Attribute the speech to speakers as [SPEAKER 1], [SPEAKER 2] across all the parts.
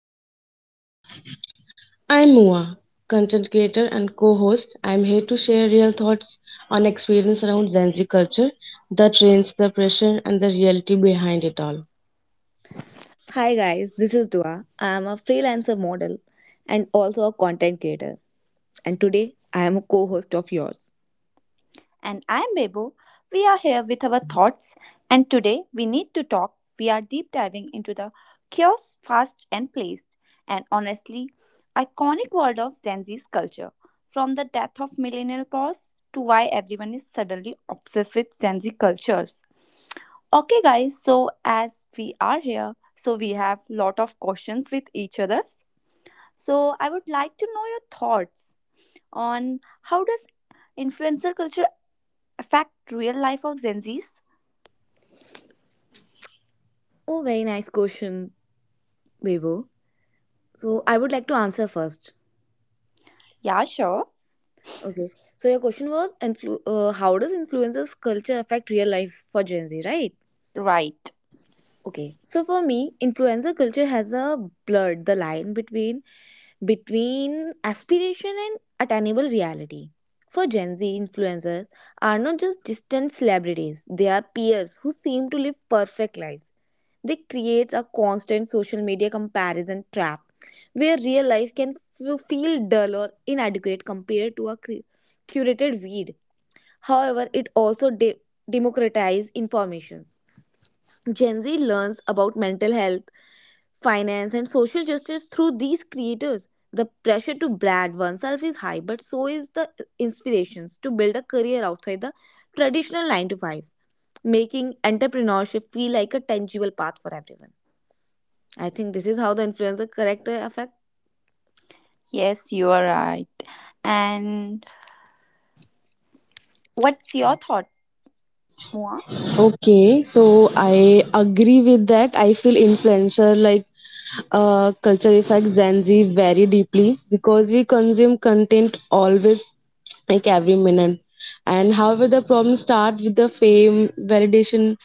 [SPEAKER 1] are back,
[SPEAKER 2] I'm Mua, content creator and co host. I'm here to share real thoughts on experience around Gen Z culture, the trends, the pressure, and the reality behind it all.
[SPEAKER 3] Hi guys, this is Dua. I am a freelancer model and also a content creator. And today I am a co-host of yours.
[SPEAKER 1] and I'm Bebo. We are here with our thoughts, and today we need to talk. We are deep diving into the curious, fast, and placed, and honestly, iconic world of Gen Z's culture. From the death of millennial pause to why everyone is suddenly obsessed with Gen Z cultures. Okay, guys, so as we are here, so we have lot of questions with each others. So I would like to know your thoughts on how does influencer culture affect real life of Gen Zs?
[SPEAKER 3] Oh, very nice question, Bebo. So I would like to answer first.
[SPEAKER 1] Yeah, sure.
[SPEAKER 3] Okay. So your question was how does influencers culture affect real life for Gen Z, right?
[SPEAKER 1] Right.
[SPEAKER 3] Okay, so for me, influencer culture has a blurred the line between aspiration and attainable reality. For Gen Z, influencers are not just distant celebrities; they are peers who seem to live perfect lives. They create a constant social media comparison trap, where real life can feel dull or inadequate compared to a curated feed. However, it also democratizes information. Gen Z learns about mental health finance, and social justice through these creators. The pressure to brand oneself is high, but so is the inspirations to build a career outside the traditional 9 to 5, making entrepreneurship feel like a tangible path for everyone. I think this is how the influencer character affect.
[SPEAKER 1] Yes, you are right. And what's your thought, Moa?
[SPEAKER 2] Okay, so I agree with that. I feel influencer culture affects Gen Z very deeply because we consume content always like every minute. And however, the problem start with the fame, validation,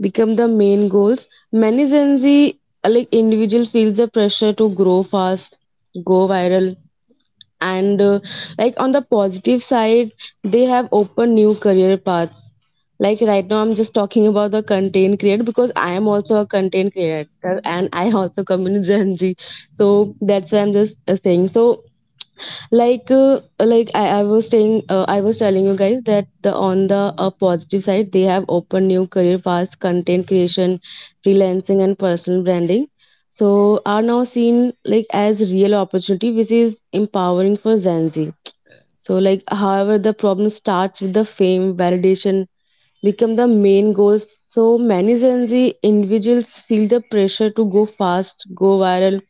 [SPEAKER 2] become the main goals. Many Gen Z like individual feels the pressure to grow fast, go viral, and like on the positive side, they have opened new career paths. Like right now, I'm just talking about the content creator because I am also a content creator and I also come in Gen Z. So that's why I'm just saying. So like I was saying I was telling you guys that the on the positive side they have opened new career paths, content creation, freelancing, and personal branding so are now seen like as real opportunity, which is empowering for Gen Z. So like however the problem starts with the fame, validation, become the main goals. So many Gen Z individuals feel the pressure to go fast, go viral,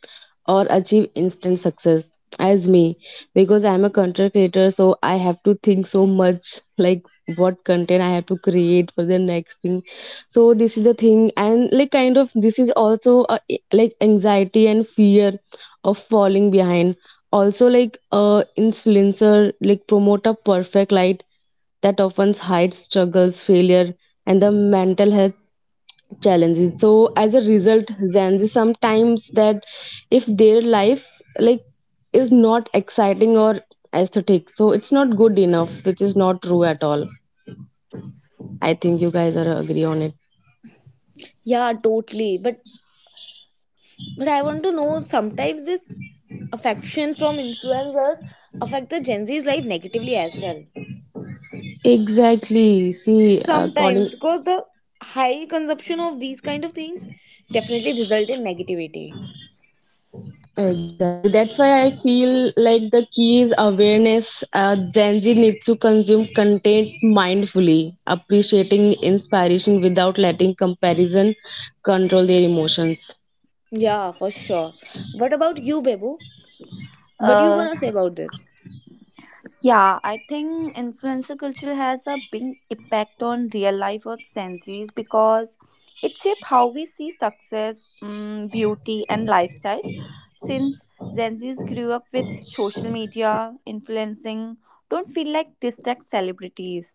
[SPEAKER 2] or achieve instant success. As me, because I'm a content creator, so I have to think so much like what content I have to create for the next thing. So this is the thing, and like kind of this is also a, like anxiety and fear of falling behind. Also, influencer like promote a perfect light that often hides struggles, failure, and the mental health challenges. So as a result, Gen Z sometimes that if their life like is not exciting or aesthetic, so it's not good enough, which is not true at all. I think you guys are agree on it.
[SPEAKER 3] Yeah, totally. But I want to know sometimes this affection from influencers affect the Gen Z's life negatively as well.
[SPEAKER 2] Exactly. See, according.
[SPEAKER 3] Sometimes because the high consumption of these kind of things definitely result in negativity.
[SPEAKER 2] Exactly. That's why I feel like the key is awareness. Gen Z needs to consume content mindfully, appreciating inspiration without letting comparison control their emotions.
[SPEAKER 3] Yeah, for sure. What about you, Babu? What you
[SPEAKER 1] Uh,
[SPEAKER 3] gonna say about this?
[SPEAKER 1] Yeah, I think influencer culture has a big impact on real life of senses because it shapes how we see success, beauty, and lifestyle. Since Gen Zs grew up with social media influencing, don't feel like distract celebrities.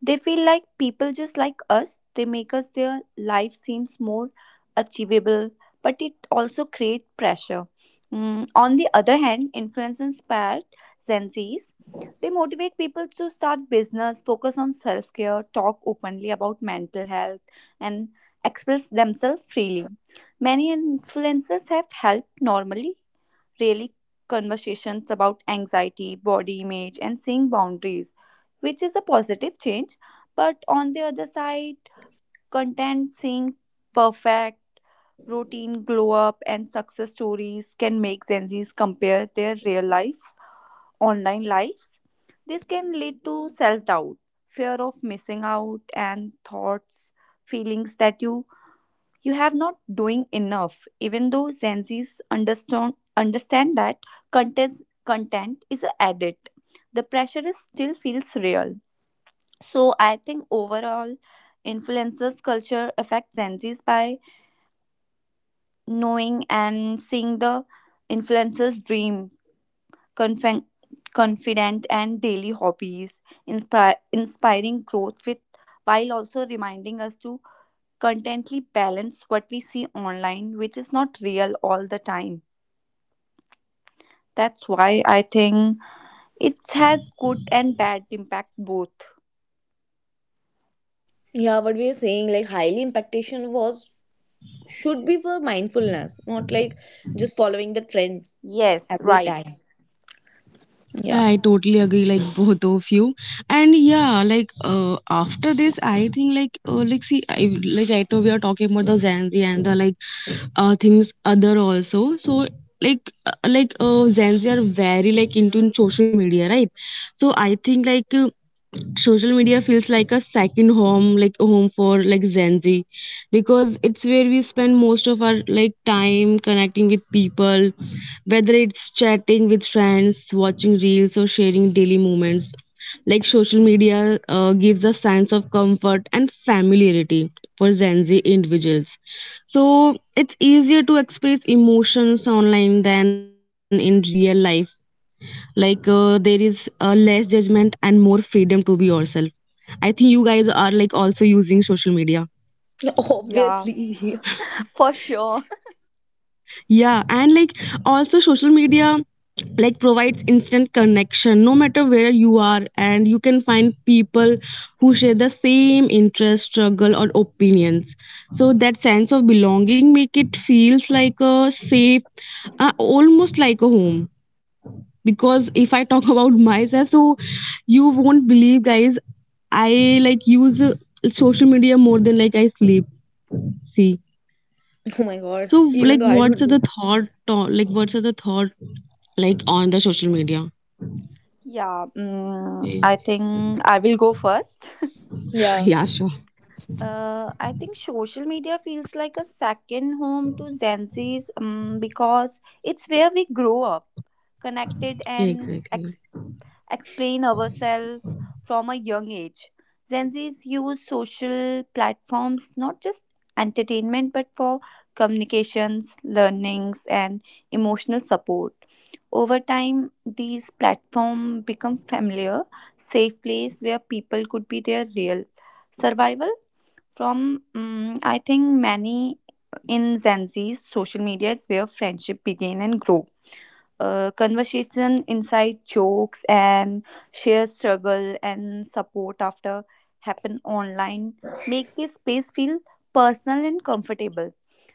[SPEAKER 1] They feel like people just like us. They make us their life seems more achievable, but it also create pressure. On the other hand, influencers inspire Gen Zs, they motivate people to start business, focus on self care, talk openly about mental health, and express themselves freely. Many influencers have helped normally, really conversations about anxiety, body image, and seeing boundaries, which is a positive change. But on the other side, content seeing perfect, routine glow up, and success stories can make Gen Zs compare their real life online lives. This can lead to self doubt, fear of missing out, and thoughts, feelings that you have not doing enough. Even though Gen Zs understand that content is a edit, the pressure is still feels real. So I think overall, influencers culture affects Gen Zs by knowing and seeing
[SPEAKER 2] Yeah.
[SPEAKER 1] the influencers' dream, confen- confident, and daily hobbies, inspiring growth with, while also reminding us to contently balance what we see online, which is not real all the time. That's why I think it has good and bad impact both.
[SPEAKER 3] Yeah, what we are saying like highly impactation was should be for mindfulness, not like just following the trend
[SPEAKER 1] Yes,
[SPEAKER 3] every
[SPEAKER 1] right.
[SPEAKER 3] time. Yeah.
[SPEAKER 2] I totally agree, like both of you. And yeah, after this, I think like see, I like right now we are talking about the Gen Z and the like things other also. So Gen Z are very like into in social media, right? So I think social media feels like a second home, like a home for like Gen Z because it's where we spend most of our like time connecting with people, whether it's chatting with friends, watching reels, or sharing daily moments. Like social media gives a sense of comfort and familiarity for Gen Z individuals. So it's easier to express emotions online than in real life. There is less judgment and more freedom to be yourself. I think you guys are like also using social media.
[SPEAKER 3] No,
[SPEAKER 1] Yeah,
[SPEAKER 3] obviously.
[SPEAKER 1] for sure.
[SPEAKER 2] Yeah, and like also social media like provides instant connection no matter where you are, and you can find people who share the same interest, struggle, or opinions. So that sense of belonging make it feels like a safe, almost like a home. Because if I talk about myself, so you won't believe, guys, I like use social media more than like I sleep, see.
[SPEAKER 3] Oh my god,
[SPEAKER 2] So
[SPEAKER 3] even
[SPEAKER 2] like
[SPEAKER 3] though I
[SPEAKER 2] what's
[SPEAKER 3] don't
[SPEAKER 2] the
[SPEAKER 3] do.
[SPEAKER 2] thought like what's the thought like on the social media.
[SPEAKER 1] Yeah,
[SPEAKER 2] Okay.
[SPEAKER 1] I think I will go first.
[SPEAKER 3] Yeah,
[SPEAKER 2] Yeah, sure.
[SPEAKER 1] I think social media feels like a second home to Gen Z's, because it's where we grow up, connected
[SPEAKER 2] Yeah,
[SPEAKER 1] and
[SPEAKER 2] exactly.
[SPEAKER 1] explain ourselves from a young age. Gen Z's use social platforms not just entertainment but for communications, learnings, and emotional support. Over time, these platforms become familiar, safe place where people could be their real survival. From I think many in Gen Z's, social media is where friendship begin and grow, conversation inside jokes and share struggle and support after happen online make this space feel personal and comfortable.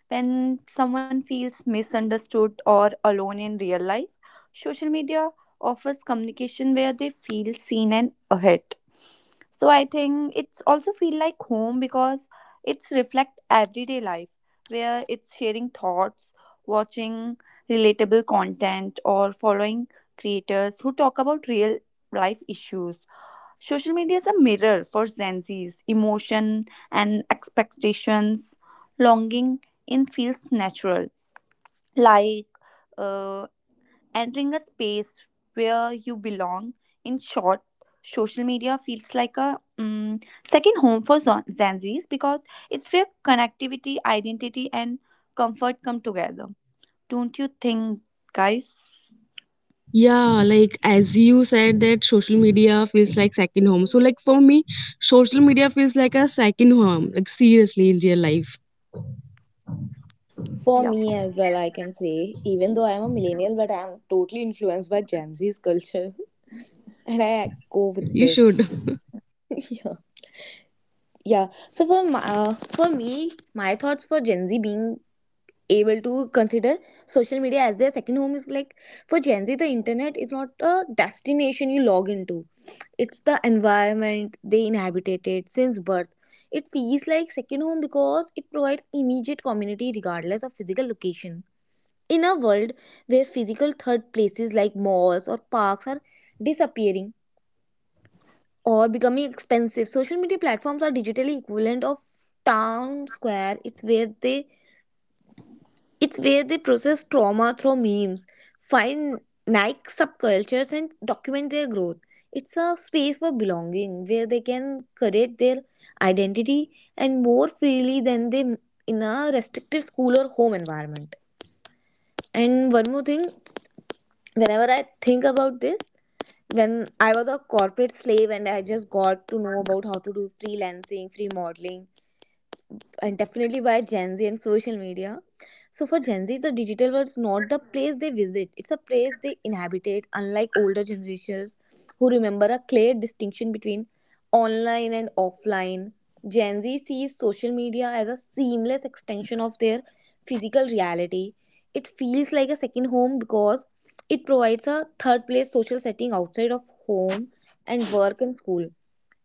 [SPEAKER 1] When someone feels misunderstood or alone in real life, social media offers communication where they feel seen and ahead. So I think it's also feel like home because it's reflect everyday life, where it's sharing thoughts, watching relatable content, or following creators who talk about real life issues. Social media is a mirror for Gen Z's emotion and expectations. Longing in feels natural, like uh, entering a space where you belong. In short, social media feels like a second home for Gen Z's, because it's where connectivity, identity, and comfort come together. Don't you think, guys?
[SPEAKER 2] Yeah, like as you said that social media feels like second home, so like for me social media feels like a second home, like seriously in real life.
[SPEAKER 3] for
[SPEAKER 1] Yeah.
[SPEAKER 3] me as well, I can say even though I'm a millennial, but I'm totally influenced by Gen Z's culture. And I go with
[SPEAKER 2] You
[SPEAKER 3] this.
[SPEAKER 2] should.
[SPEAKER 3] Yeah. Yeah. So for my, for me, my thoughts for Gen Z being able to consider social media as their second home is like, for Gen Z, the internet is not a destination you log into. It's the environment they inhabited since birth. It feels like second home because it provides immediate community regardless of physical location. In a world where physical third places like malls or parks are disappearing, or becoming expensive. Social media platforms are digitally equivalent of town square. It's where they process trauma through memes, find Nike subcultures and document their growth. It's a space for belonging where they can create their identity and more freely than they in a restrictive school or home environment. And one more thing, whenever I think about this, when I was a corporate slave and I just got to know about how to do freelancing, free modeling, and definitely by Gen Z and social media. So for Gen Z, the digital world is not the place they visit; it's a place they inhabitate. Unlike older generations, who remember a clear distinction between online and offline, Gen Z sees social media as a seamless extension of their physical reality. It feels like a second home because it provides a third place social setting outside of home and work and school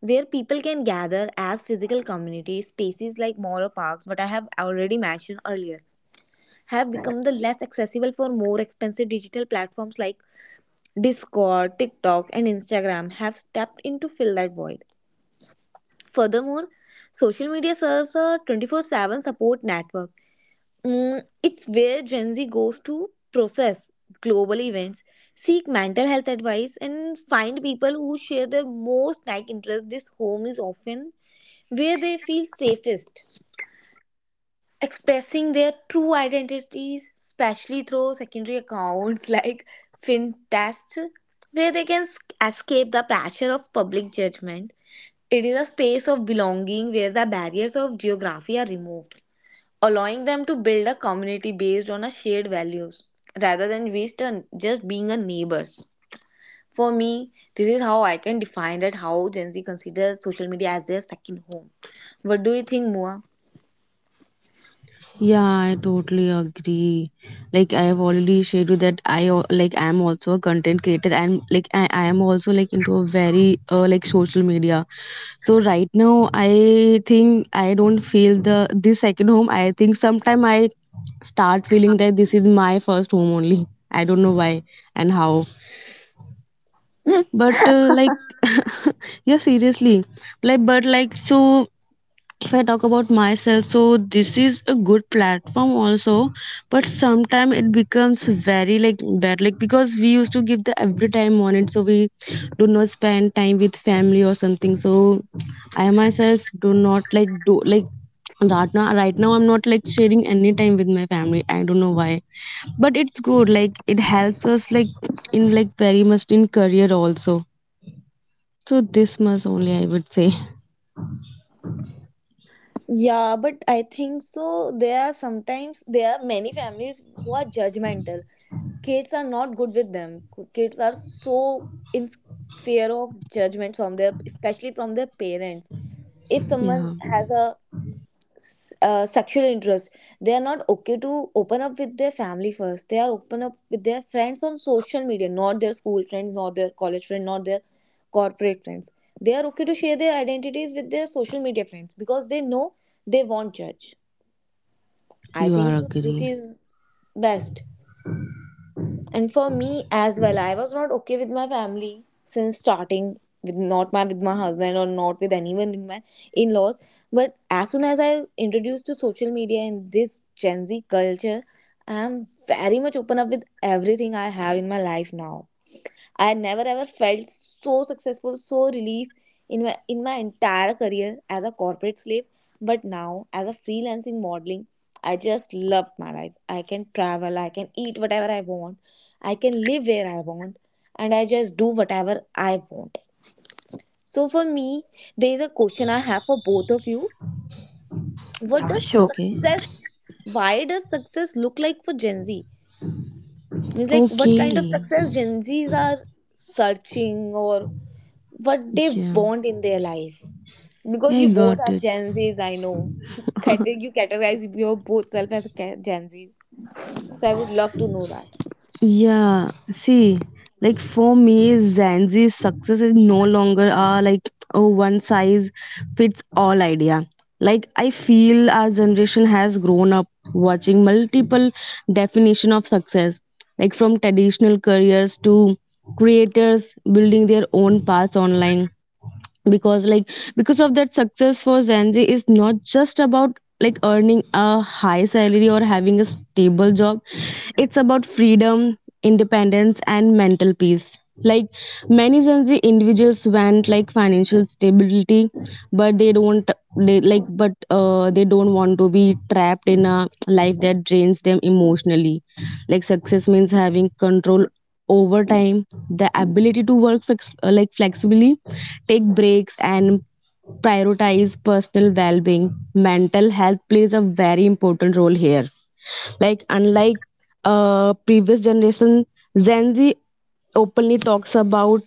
[SPEAKER 3] where people can gather as physical communities, spaces like mall or parks, what I have already mentioned earlier, have become the less accessible for more expensive digital platforms like Discord, TikTok, and Instagram have stepped in to fill that void. Furthermore, social media serves a 24/7 support network. It's where Gen Z goes to process global events, seek mental health advice, and find people who share their most like interests. This home is often where they feel safest, expressing their true identities, especially through secondary accounts like FinTest, where they can escape the pressure of public judgment. It is a space of belonging where the barriers of geography are removed, allowing them to build a community based on a shared values rather than based on just being a neighbors. For me, this is how I can define that how Gen Z considers social media as their second home. What do you think, Mua?
[SPEAKER 2] Yeah, I totally agree. Like I have already shared you that like I am also a content creator and like I am also like into a very like social media. So right now I think I don't feel the this second home. I think sometime I start feeling that this is my first home only. I don't know why and how. But like yeah, seriously. Like but like so if I talk about myself, so this is a good platform also, but sometimes it becomes very like bad, like because we used to give the every time on it, so we do not spend time with family or something. So I myself do not like do like right now I'm not like sharing any time with my family. I don't know why, but it's good, like it helps us like in like very much in career also. So this much only, I would say.
[SPEAKER 3] Yeah, but I think so. There are sometimes there are many families who are judgmental. Kids are not good with them. Kids are so in fear of judgment from their, especially from their parents. If someone
[SPEAKER 2] Yeah.
[SPEAKER 3] has a sexual interest, they are not okay to open up with their family first. They are open up with their friends on social media, not their school friends, not their college friends, not their corporate friends. They are okay to share their identities with their social media friends because they know they won't judge. I
[SPEAKER 2] You
[SPEAKER 3] think
[SPEAKER 2] are
[SPEAKER 3] that this
[SPEAKER 2] agree.
[SPEAKER 3] is best. And for me as well, I was not okay with my family since starting, with not my, with my husband or not with anyone in my in-laws. But as soon as I introduced to social media and this Gen Z culture, I am very much open up with everything I have in my life now. I had never ever felt so successful, so relief in my entire career as a corporate slave. But now, as a freelancing modeling, I just love my life. I can travel, I can eat whatever I want, I can live where I want, and I just do whatever I want. So for me, there is a question I have for both of you. What
[SPEAKER 1] Yeah,
[SPEAKER 3] does
[SPEAKER 1] sure.
[SPEAKER 2] Okay.
[SPEAKER 3] success why does success look like for Gen Z? Means like what kind of
[SPEAKER 2] Okay.
[SPEAKER 3] success Gen Zs are searching or what they
[SPEAKER 2] Yeah.
[SPEAKER 3] want in their life. Because you
[SPEAKER 2] I
[SPEAKER 3] both
[SPEAKER 2] got
[SPEAKER 3] are
[SPEAKER 2] it.
[SPEAKER 3] Gen Zs, I know. You you categorize your both self as a Gen Z. So I would love to know that.
[SPEAKER 2] Yeah. See, like for me, Zanzi's success is no longer like oh one size fits all idea. Like I feel our generation has grown up watching multiple definition of success, like from traditional careers to creators building their own paths online. Because like because of that, success for Gen Z is not just about like earning a high salary or having a stable job. It's about freedom, independence, and mental peace. Like many Gen Z individuals want like financial stability, but they don't they like but they don't want to be trapped in a life that drains them emotionally. Like success means having control over time, the ability to work like flexibly, take breaks, and prioritize personal well-being. Mental health plays a very important role here. Like unlike previous generation, Gen Z openly talks about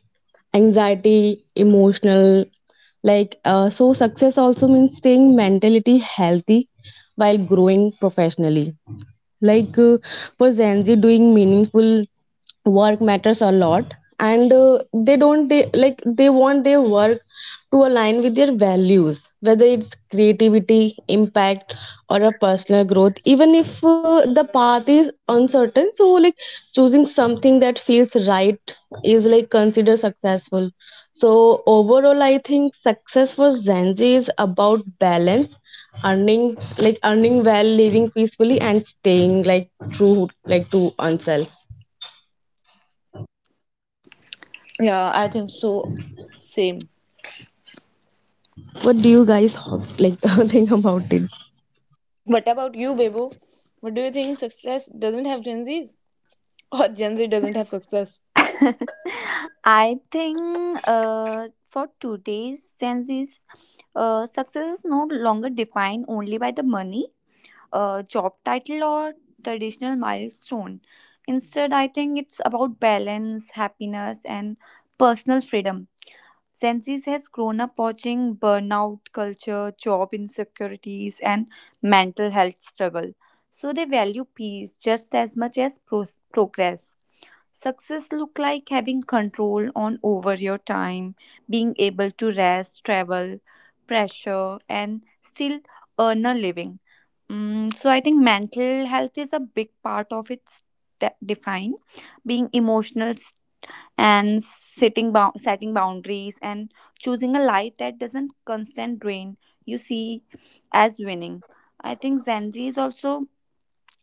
[SPEAKER 2] anxiety, emotional, so success also means staying mentally healthy while growing professionally. like uh, for Gen Z, doing meaningful work matters a lot. And they don't they, like they want their work to align with their values, whether it's creativity, impact, or a personal growth. Even if the path is uncertain, so like choosing something that feels right is like considered successful. So overall, I think success for Gen Z is about balance, earning well, living peacefully, and staying like true like to oneself.
[SPEAKER 3] Yeah, I think so. Same.
[SPEAKER 2] What do you like think about it?
[SPEAKER 3] What about you, Bebo? What do you think success doesn't have Gen Zs? Or Gen Z doesn't have success?
[SPEAKER 1] I think for today's senses, success is no longer defined only by the money, job title, or traditional milestone. Instead, I think it's about balance, happiness, and personal freedom. Gen Z has grown up watching burnout culture, job insecurities, and mental health struggle. So they value peace just as much as progress. Success look like having control on over your time, being able to rest, travel, pressure, and still earn a living. So I think mental health is a big part of its define. Being emotional and setting boundaries and choosing a life that doesn't constant drain you, see as winning. I think Gen Z is also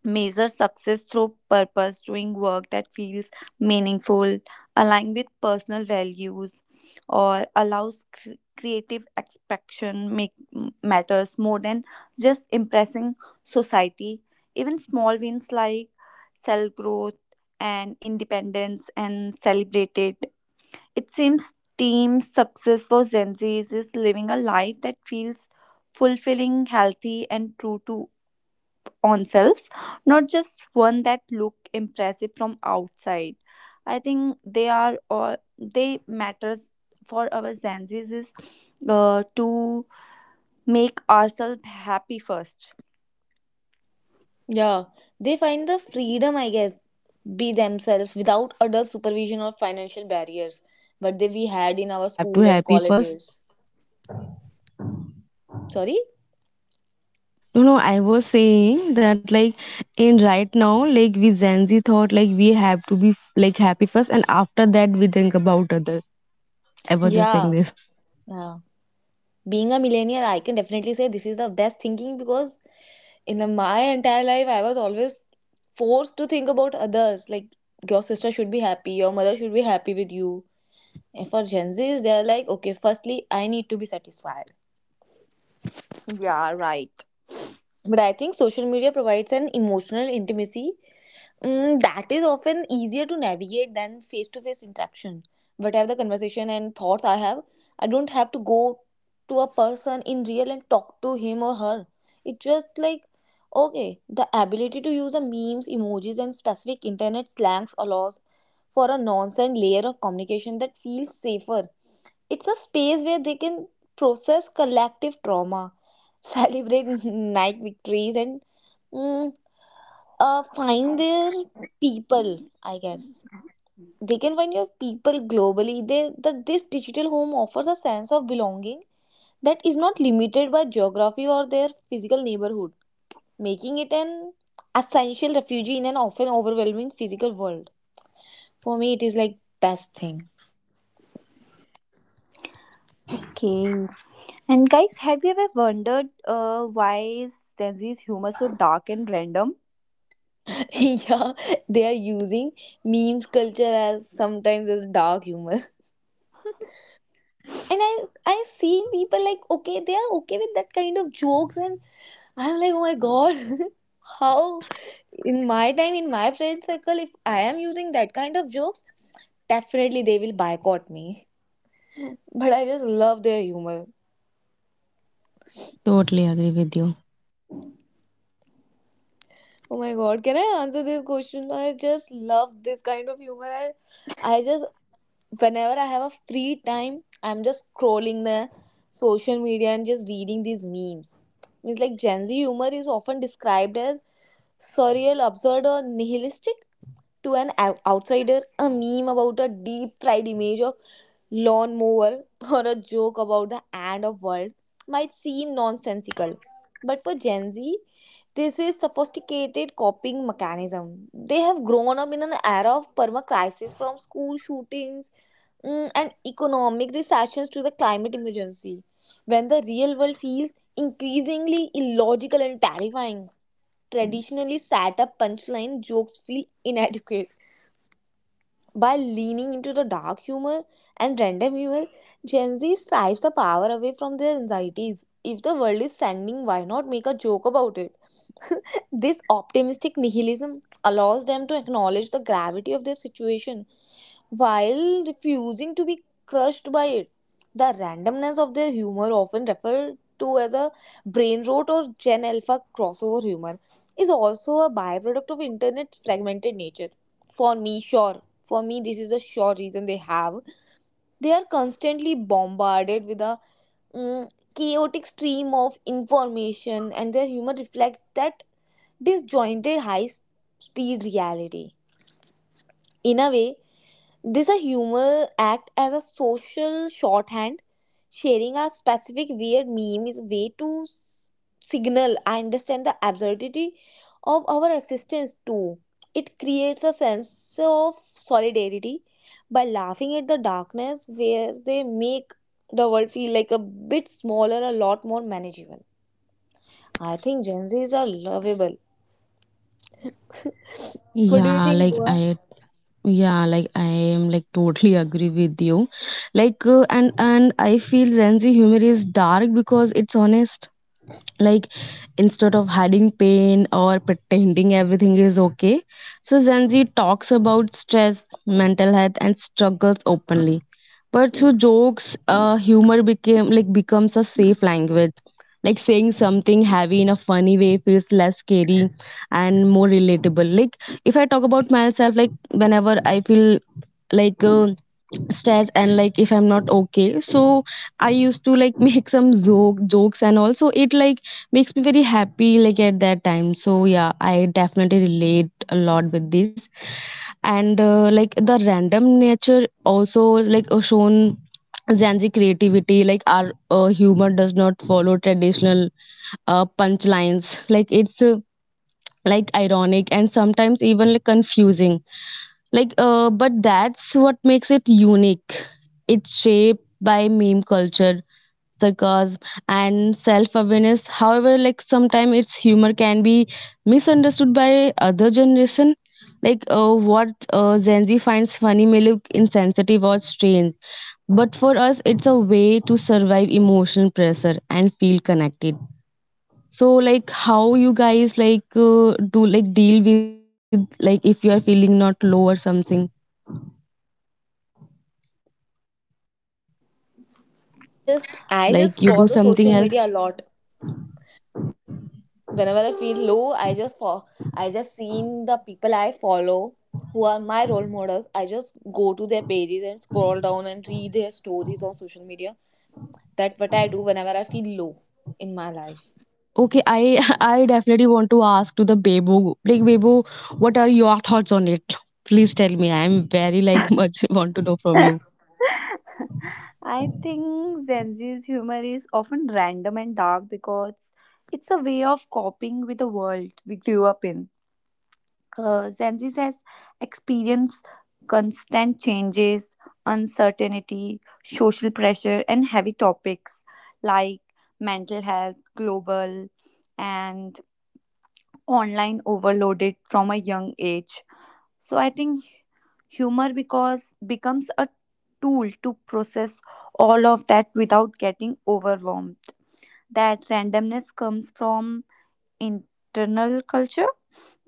[SPEAKER 1] measure success through purpose, doing work that feels meaningful, align with personal values or allows creative expression, matters more than just impressing society. Even small wins like self growth and independence and celebrated. It seems team success for Gen Zs is living a life that feels fulfilling, healthy, and true to oneself, not just one that look impressive from outside. I think they are all they matters for our Gen Zs is to make ourselves happy first.
[SPEAKER 3] Yeah. They find the freedom, I
[SPEAKER 2] Yeah,
[SPEAKER 3] guess,
[SPEAKER 2] I totally
[SPEAKER 3] be
[SPEAKER 2] agree. Like
[SPEAKER 3] themselves without
[SPEAKER 2] in this
[SPEAKER 3] adult
[SPEAKER 2] like
[SPEAKER 3] supervision or
[SPEAKER 2] generation,
[SPEAKER 3] financial
[SPEAKER 2] like
[SPEAKER 3] barriers.
[SPEAKER 2] we
[SPEAKER 3] But they we
[SPEAKER 2] thought like
[SPEAKER 3] had in
[SPEAKER 2] we
[SPEAKER 3] our
[SPEAKER 2] have to
[SPEAKER 3] school and
[SPEAKER 2] happy first.
[SPEAKER 3] colleges. Sorry?
[SPEAKER 2] You know, I was saying that like in right now, like we Gen Z thought like we have to be like happy first, and after that we think about others. I was just saying
[SPEAKER 3] Yeah.
[SPEAKER 2] this.
[SPEAKER 3] Yeah. Being a millennial, I can definitely say this is the best thinking because in my entire life I was always forced to think about others like your sister should be happy, your mother should be happy with you. And for Gen Z's, they're like, okay, firstly I need to be satisfied.
[SPEAKER 1] Yeah, right.
[SPEAKER 3] But I think social media provides an emotional intimacy, that is often easier to navigate than face to face interaction. Whatever the conversation and thoughts I have, I don't have to go to a person in real and talk to him or her. It's just like, okay, the ability to use the memes, emojis, and specific internet slangs allows for a nonsense layer of communication that feels safer. It's a space where they can process collective trauma, celebrate Nike victories, and Mm, find their people, I guess. They can find your people globally. They that this digital home offers a sense of belonging that is not limited by geography or their physical neighborhood, making it an essential refuge in an often overwhelming physical world. For me, it is like best thing.
[SPEAKER 1] Okay. And guys, have you ever wondered why is Gen Z's humor so dark and random?
[SPEAKER 3] Yeah, they are using memes culture as sometimes as dark humor. And I seen people like okay, they are okay with that kind of jokes and I'm like, oh my god. How in my time, in my friend circle, if I am using that kind of jokes, definitely they will boycott me. But I just love their humor.
[SPEAKER 2] Totally agree with you.
[SPEAKER 3] Oh my god, can I answer this question? I just love this kind of humor. I just whenever I have a free time, I'm just scrolling the social media and just reading these memes. Means like Gen Z humor is often described as surreal, absurd, or nihilistic. To an outsider, a meme about a deep fried image of lawnmower or a joke about the end of world might seem nonsensical. But for Gen Z, this is sophisticated coping mechanism. They have grown up in an era of perma crisis from school shootings, and economic recessions to the climate emergency, when the real world feels increasingly illogical and terrifying, traditionally sat up punchline jokes feel inadequate. By leaning into the dark humor and random humor, Gen Z strives the power away from their anxieties. If the world is sending, why not make a joke about it? This optimistic nihilism allows them to acknowledge the gravity of their situation while refusing to be crushed by it. The randomness of their humor, often referred to as a brain rot or Gen Alpha crossover humor, is also a byproduct of internet fragmented nature. For me, sure for me, this is a sure reason they have. They are constantly bombarded with a mm, chaotic stream of information and their humor reflects that disjointed high speed reality. In a way, this a humor act as a social shorthand. Sharing a specific weird meme is a way to signal I understand the absurdity of our existence too. It creates a sense of solidarity by laughing at the darkness where they make the world feel like a bit smaller, a lot more manageable. I think Gen Zs are lovable. What do you
[SPEAKER 2] Yeah,
[SPEAKER 3] think,
[SPEAKER 2] like
[SPEAKER 3] Moa?
[SPEAKER 2] I Yeah, like I am like totally agree with you. And I feel Gen Z humor is dark because it's honest. Like instead of hiding pain or pretending everything is okay, so Gen Z talks about stress, mental health, and struggles openly, but through jokes. Humor became like becomes a safe language. Like saying something heavy in a funny way feels less scary and more relatable. Like if I talk about myself, like whenever I feel like uh, stress and like if I'm not okay, so I used to like make some joke jokes, and also it like makes me very happy like at that time. So yeah, I definitely relate a lot with this. And like the random nature also, shown Gen Z creativity. Like our humor does not follow traditional punchlines. Like it's like ironic and sometimes even like confusing. But that's what makes it unique. It's shaped by meme culture, sarcasm, and self-awareness. However, like sometimes its humor can be misunderstood by other generation. Like what Gen Z finds funny may look insensitive or strange, but for us it's a way to survive emotional pressure and feel connected. So like how you guys do like deal with like if you are feeling not low or something,
[SPEAKER 3] I just
[SPEAKER 2] like you
[SPEAKER 3] scroll
[SPEAKER 2] do
[SPEAKER 3] the social
[SPEAKER 2] something
[SPEAKER 3] media a
[SPEAKER 2] else.
[SPEAKER 3] lot. Whenever I feel low, I just seen the people I follow, who are my role models. I just go to their pages and scroll down and read their stories on social media. That's what I do whenever I feel low in my life
[SPEAKER 2] Okay, I I definitely want to ask to the Bebo. Like Bebo, what are your thoughts on it? Please tell me. I'm very like much want to know from you.
[SPEAKER 1] I think Gen Z's humor is often random and dark because it's a way of coping with the world we grew up in. Gen Z has experienced constant changes, uncertainty, social pressure, and heavy topics like mental health, global, and online overloaded from a young age. So I think humor because becomes a tool to process all of that without getting overwhelmed. That randomness comes from internal culture.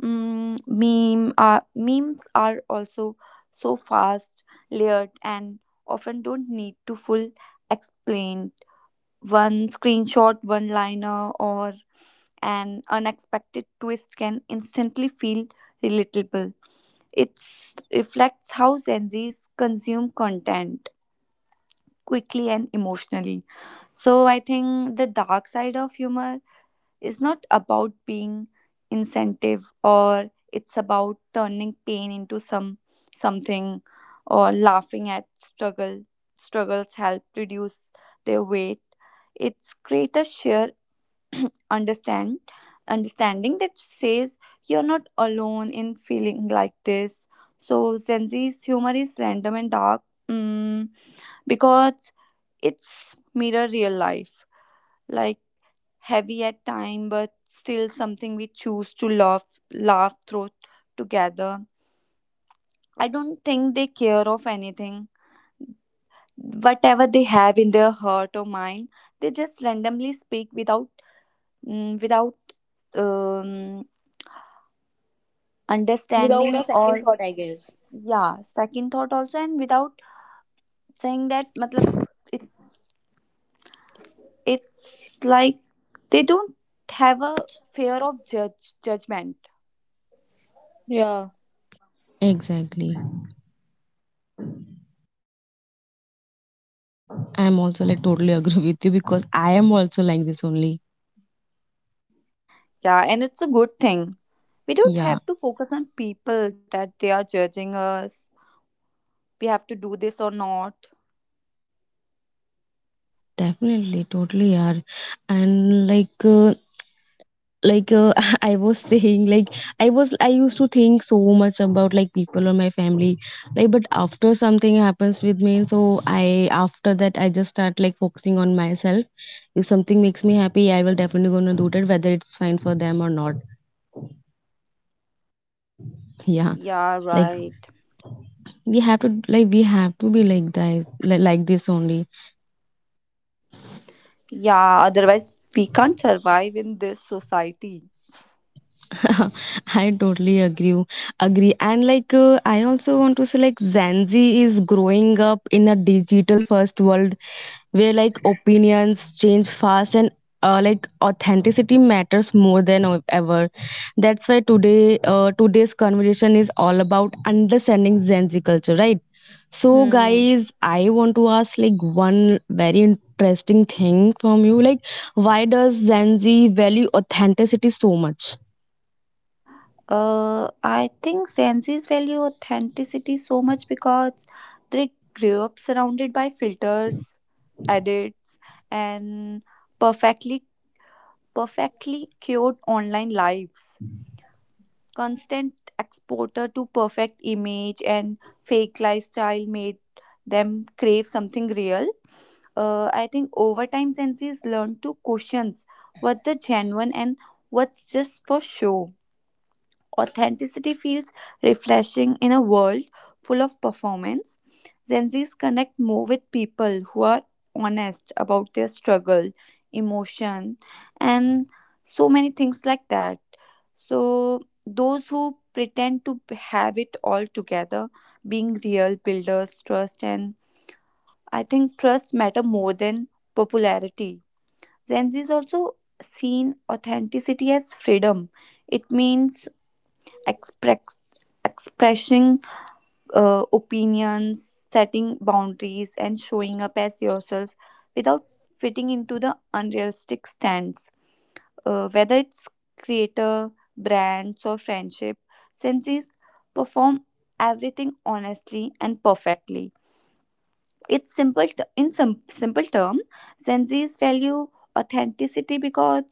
[SPEAKER 1] Memes are also so fast, layered, and often don't need to full explain. One screenshot, one liner, or an unexpected twist can instantly feel relatable. It reflects how Gen Zs consume content quickly and emotionally. So I think the dark side of humor is not about being incentive or it's about turning pain into something or laughing at struggle. Struggles help reduce their weight. It's create a sheer understand understanding that says you're not alone in feeling like this. So Gen Z's humor is random and dark, mm, because it's mirror real life, like heavy at time but still something we choose to laugh through together. I don't think they care of anything, whatever they have in their heart or mind, they just randomly speak without without um,
[SPEAKER 3] without
[SPEAKER 1] understanding
[SPEAKER 3] a
[SPEAKER 1] or,
[SPEAKER 3] second thought, I guess.
[SPEAKER 1] yeah, second thought also, and without saying that matlab, it, it's like they don't have a fear of judge judgment.
[SPEAKER 3] Yeah.
[SPEAKER 2] Exactly. I'm also like totally agree with you because I am also like this only.
[SPEAKER 1] Yeah, and it's a good thing. We don't
[SPEAKER 2] Yeah,
[SPEAKER 1] have to focus on people that they are judging us, we have to do this or not.
[SPEAKER 2] definitely, totally are. And like uh, I was saying like I used to think so much about like people or my family, like but after something happens with me, so I after that I just start like focusing on myself. If something makes me happy, I will definitely gonna do that, whether it's fine for them or not. Yeah.
[SPEAKER 1] Yeah,
[SPEAKER 2] Like
[SPEAKER 1] right.
[SPEAKER 2] we have to be like that, like this only.
[SPEAKER 1] Yeah, otherwise we can't survive in this society.
[SPEAKER 2] I totally agree. Agree. And I also want to say, like, Gen Z is growing up in a digital first world where like opinions change fast and like authenticity matters more than ever. That's why today's conversation is all about understanding Gen Z culture, right? So,
[SPEAKER 1] Hmm.
[SPEAKER 2] guys, I want to ask one very interesting thing from you, why does Gen Z value authenticity so much?
[SPEAKER 1] I think Gen Z's value authenticity so much because they grew up surrounded by filters, edits, and perfectly perfectly cured online lives. Constant exposure to perfect image and fake lifestyle made them crave something real. I think over time Gen Z's learned to question what the genuine and what's just for show. Authenticity feels refreshing in a world full of performance. Gen Zs connect more with people who are honest about their struggle, emotion, and so many things like that. So, those who pretend to have it all together, being real builders, trust, and I think trust matter more than popularity. Gen Z is also seen authenticity as freedom. It means express, expressing opinions, setting boundaries, and showing up as yourself without fitting into the unrealistic stands. Whether it's creator, brands, or friendship, senses perform everything honestly and perfectly. In some simple term, senses value authenticity because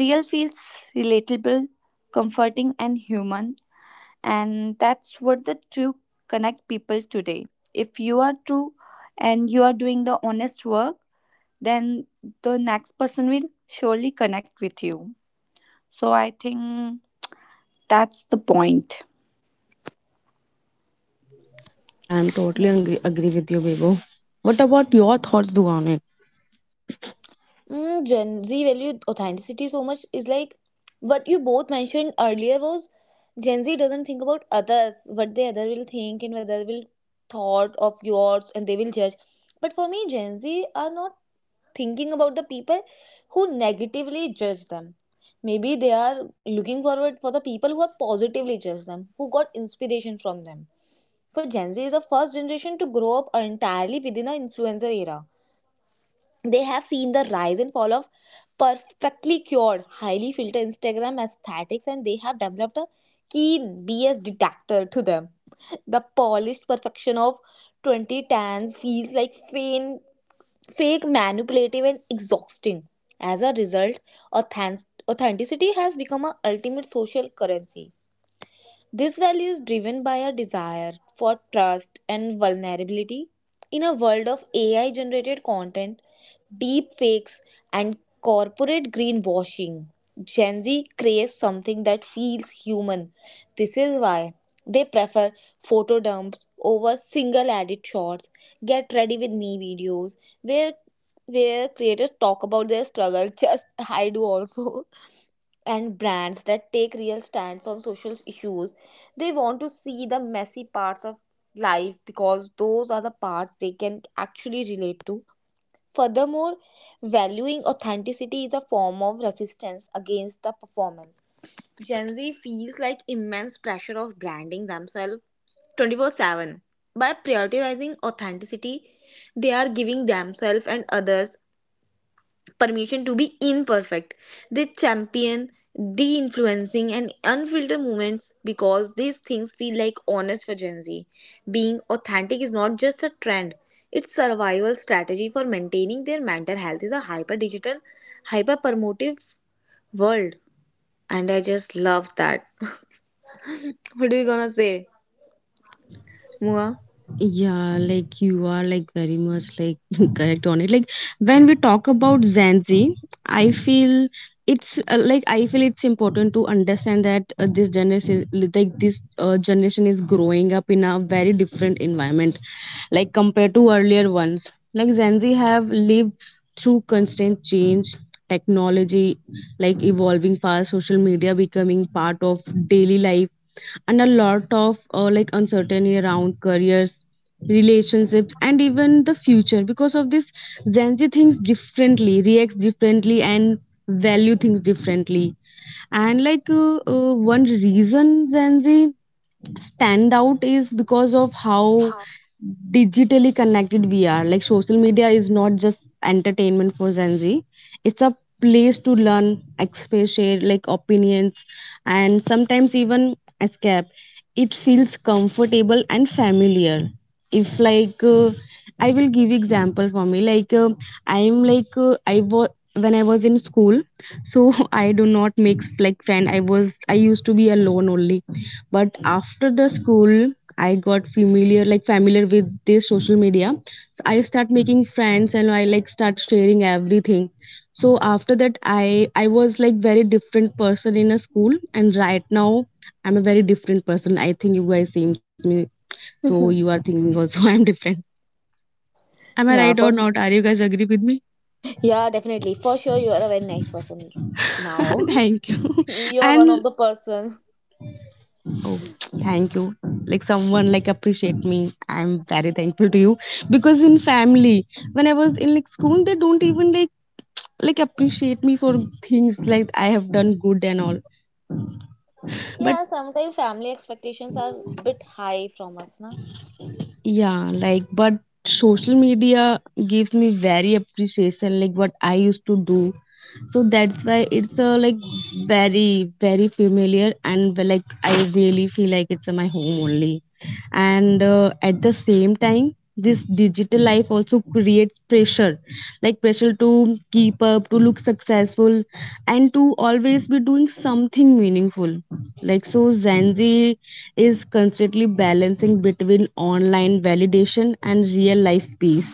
[SPEAKER 1] real feels relatable, comforting, and human, and that's what the true connect people today. If you are true and you are doing the honest work, then the next person will surely connect with you. So I think that's the point.
[SPEAKER 2] Yeah, I'm totally agree with you, Bebo. What about your thoughts, Duane?
[SPEAKER 3] Gen Z value authenticity so much is like what you both mentioned earlier was Gen Z doesn't think about others, what the other will think and whether will thought of yours and they will judge. But for me, Gen Z are not thinking about the people who negatively judge them. Maybe they are looking forward for the people who have positively judged them, who got inspiration from them. For Gen Z is the first generation to grow up entirely within an influencer era. They have seen the rise and fall of perfectly cured, highly filtered Instagram aesthetics, and they have developed a keen BS detector to them. The polished perfection of 2010s feels like faint, fake, manipulative, and exhausting. As a result, authenticity has become an ultimate social currency. This value is driven by a desire for trust and vulnerability. In a world of AI generated content, deep fakes, and corporate greenwashing, Gen Z craves something that feels human. This is why they prefer photo dumps over single edit shots, get ready with me videos, where creators talk about their struggle. Just I do also. And brands that take real stands on social issues. They want to see the messy parts of life because those are the parts they can actually relate to. Furthermore, valuing authenticity is a form of resistance against the performance. Gen Z feels like immense pressure of branding themselves 24/7. By prioritizing authenticity, they are giving themselves and others permission to be imperfect. They champion de influencing and unfiltered movements because these things feel like honest for Gen Z. Being authentic is not just a trend, it's survival strategy for maintaining their mental health is a hyper digital, hyper promotive world. And I just love that. What are you gonna say, Mua?
[SPEAKER 2] Yeah, like you are like very much like correct on it. Like when we talk about Gen Z, I feel it's like I feel it's important to understand that this generation, is growing up in a very different environment, like compared to earlier ones. Like Gen Z have lived through constant change, technology, like evolving fast, social media becoming part of daily life and a lot of uncertainty around careers, relationships, and even the future. Because of this, Gen Z thinks differently, reacts differently, and value things differently. And one reason Gen Z stand out is because of how digitally connected VR. Like social media is not just entertainment for Gen Z. It's a place to learn, express, share like opinions, and sometimes even escape. It feels comfortable and familiar. If like I will give example for me. Like I am like I was when I was in school, so I do not make like friend. I used to be alone only, but after the school I got familiar, familiar with this social media. So I start making friends and I like start sharing everything. So after that, I was like very different person in a school, and right now I'm a very different person. I think you guys seems me. So you are thinking also I'm different. Am I
[SPEAKER 3] Yeah,
[SPEAKER 2] right or
[SPEAKER 3] for
[SPEAKER 2] not? Are you guys agree with me?
[SPEAKER 3] yeah, definitely. For sure you are a very nice person now.
[SPEAKER 2] Thank you.
[SPEAKER 3] You are one of
[SPEAKER 2] And
[SPEAKER 3] the person.
[SPEAKER 2] Oh, thank you. Like someone like appreciate me. I'm very thankful to you because in family, when I was in like school, they don't even like appreciate me for things like I have done good and all. But
[SPEAKER 3] Yeah, sometimes family expectations are bit high from us, na?
[SPEAKER 2] yeah, like but social media gives me very appreciation like what I used to do. So that's why it's a like very familiar and like I really feel like it's my home only. And at the same time, this digital life also creates pressure, like pressure to keep up, to look successful, and to always be doing something meaningful. Like so Zanzi is constantly balancing between online validation and real life peace.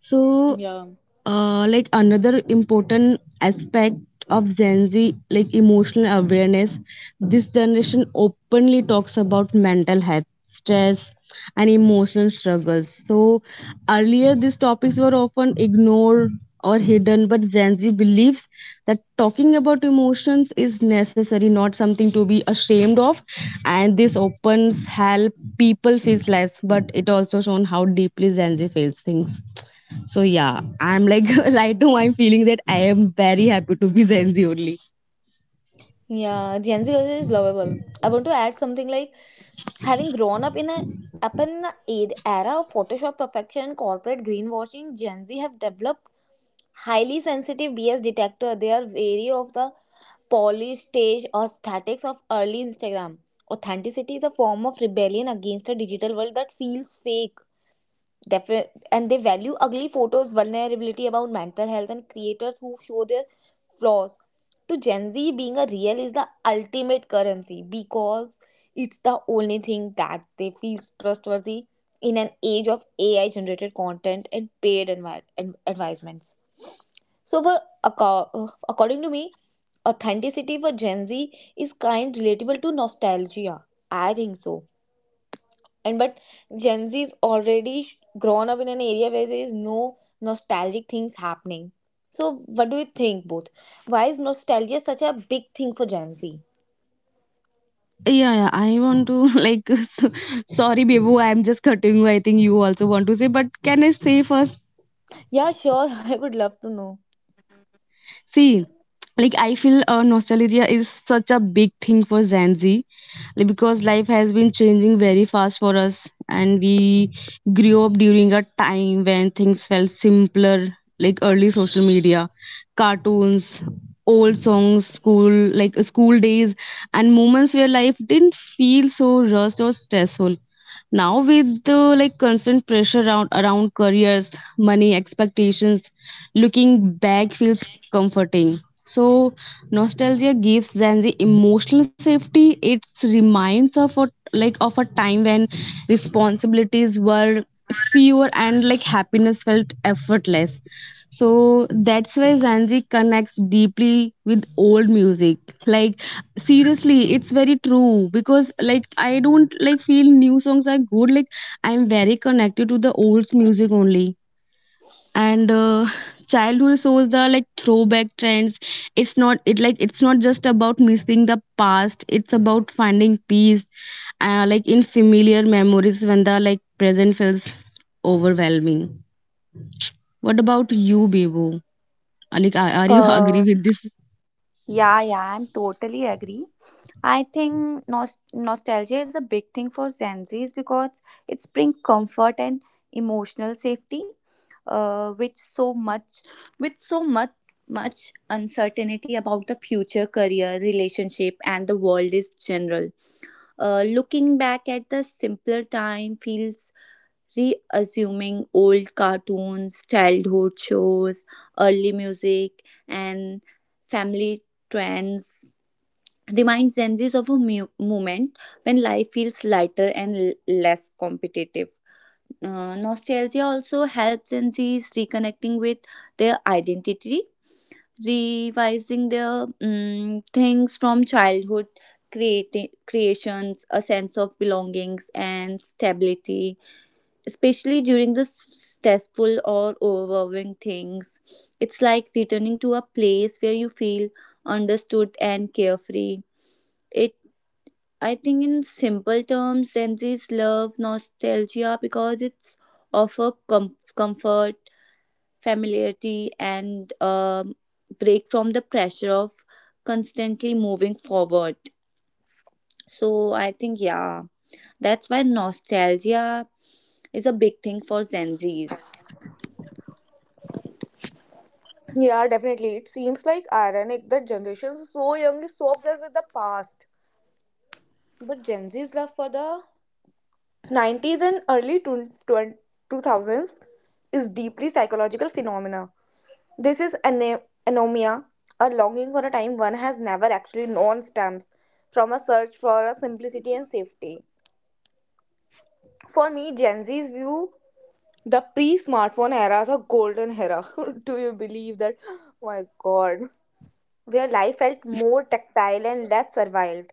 [SPEAKER 2] So
[SPEAKER 3] Yeah.
[SPEAKER 2] another important aspect of Gen Z, like emotional awareness. This generation openly talks about mental health, stress, and emotional struggles. So earlier, these topics were often ignored or hidden, but Gen Z believes that talking about emotions is necessary, not something to be ashamed of. And this opens help people feel less, but it also shown how deeply Gen Z feels things. So yeah, I'm like right now I'm feeling that I am very happy to be Gen Z only.
[SPEAKER 3] Yeah, Gen Z culture is lovable. I want to add something like having grown up in a up in an era of Photoshop perfection and corporate greenwashing, Gen Z have developed highly sensitive BS detector. They are wary of the polished stage or statics of early Instagram. Authenticity is a form of rebellion against a digital world that feels fake. Definite, and they value ugly photos, vulnerability about mental health, and creators who show their flaws. To Gen Z, being a real is the ultimate currency because it's the only thing that they feel trustworthy in an age of AI generated content and paid advisements. So, for according to me, authenticity for Gen Z is kind relatable to nostalgia. I think so, and but Gen Z is already grown up in an area where there is no nostalgic things happening. So what do you think, both? Why is nostalgia such a big thing for Gen Z?
[SPEAKER 2] Yeah, yeah, I want to like so, sorry Babu, I'm just cutting you. I think you also want to say, but can I say first?
[SPEAKER 3] Yeah, sure. I would love to know.
[SPEAKER 2] See, like I feel nostalgia is such a big thing for Gen Z, like, because life has been changing very fast for us, and we grew up during a time when things felt simpler, like early social media, cartoons, old songs, school days, and moments where life didn't feel so rushed or stressful. Now with the like constant pressure around careers, money, expectations, looking back feels comforting. So nostalgia gives them the emotional safety. It reminds of a, like of a time when responsibilities were fewer and like happiness felt effortless. So that's why Zanzi connects deeply with old music. Like seriously, it's very true because like I don't like feel new songs are good. Like I'm very connected to the old music only. And childhood shows, the like throwback trends. It's not just about missing the past. It's about finding peace, like in familiar memories when the like present feels overwhelming. What about you, Bebo? Like, are you agree
[SPEAKER 1] uh,
[SPEAKER 2] with this?
[SPEAKER 1] Yeah, yeah, I'm totally agree. I think nostalgia is a big thing for Gen Zs because it's bring comfort and emotional safety, with so much much uncertainty about the future career, relationship, and the world is general. Looking back at the simpler time feels reassuming. Old cartoons, childhood shows, early music, and family trends reminds Gen Zs of a moment when life feels lighter and less competitive. Nostalgia also helps Gen Zs reconnecting with their identity, revising their things from childhood creations, a sense of belongings and stability, especially during the stressful or overwhelming things. It's like returning to a place where you feel understood and carefree. It, I think, in simple terms, Gen Z's love nostalgia because it's offer comfort, familiarity, and break from the pressure of constantly moving forward. So I think, yeah, that's why nostalgia is a big thing for Gen Zs.
[SPEAKER 3] Yeah, definitely. It seems like ironic that generations so young is so obsessed with the past. But Gen Z's love for the 90s and early 2000s is deeply psychological phenomena. This is anomia, a longing for a time one has never actually known stems from a search for a simplicity and safety. For me, Gen Z's view the pre smartphone era as a golden era. Do you believe that? My god. Where life felt more tactile and less surveilled.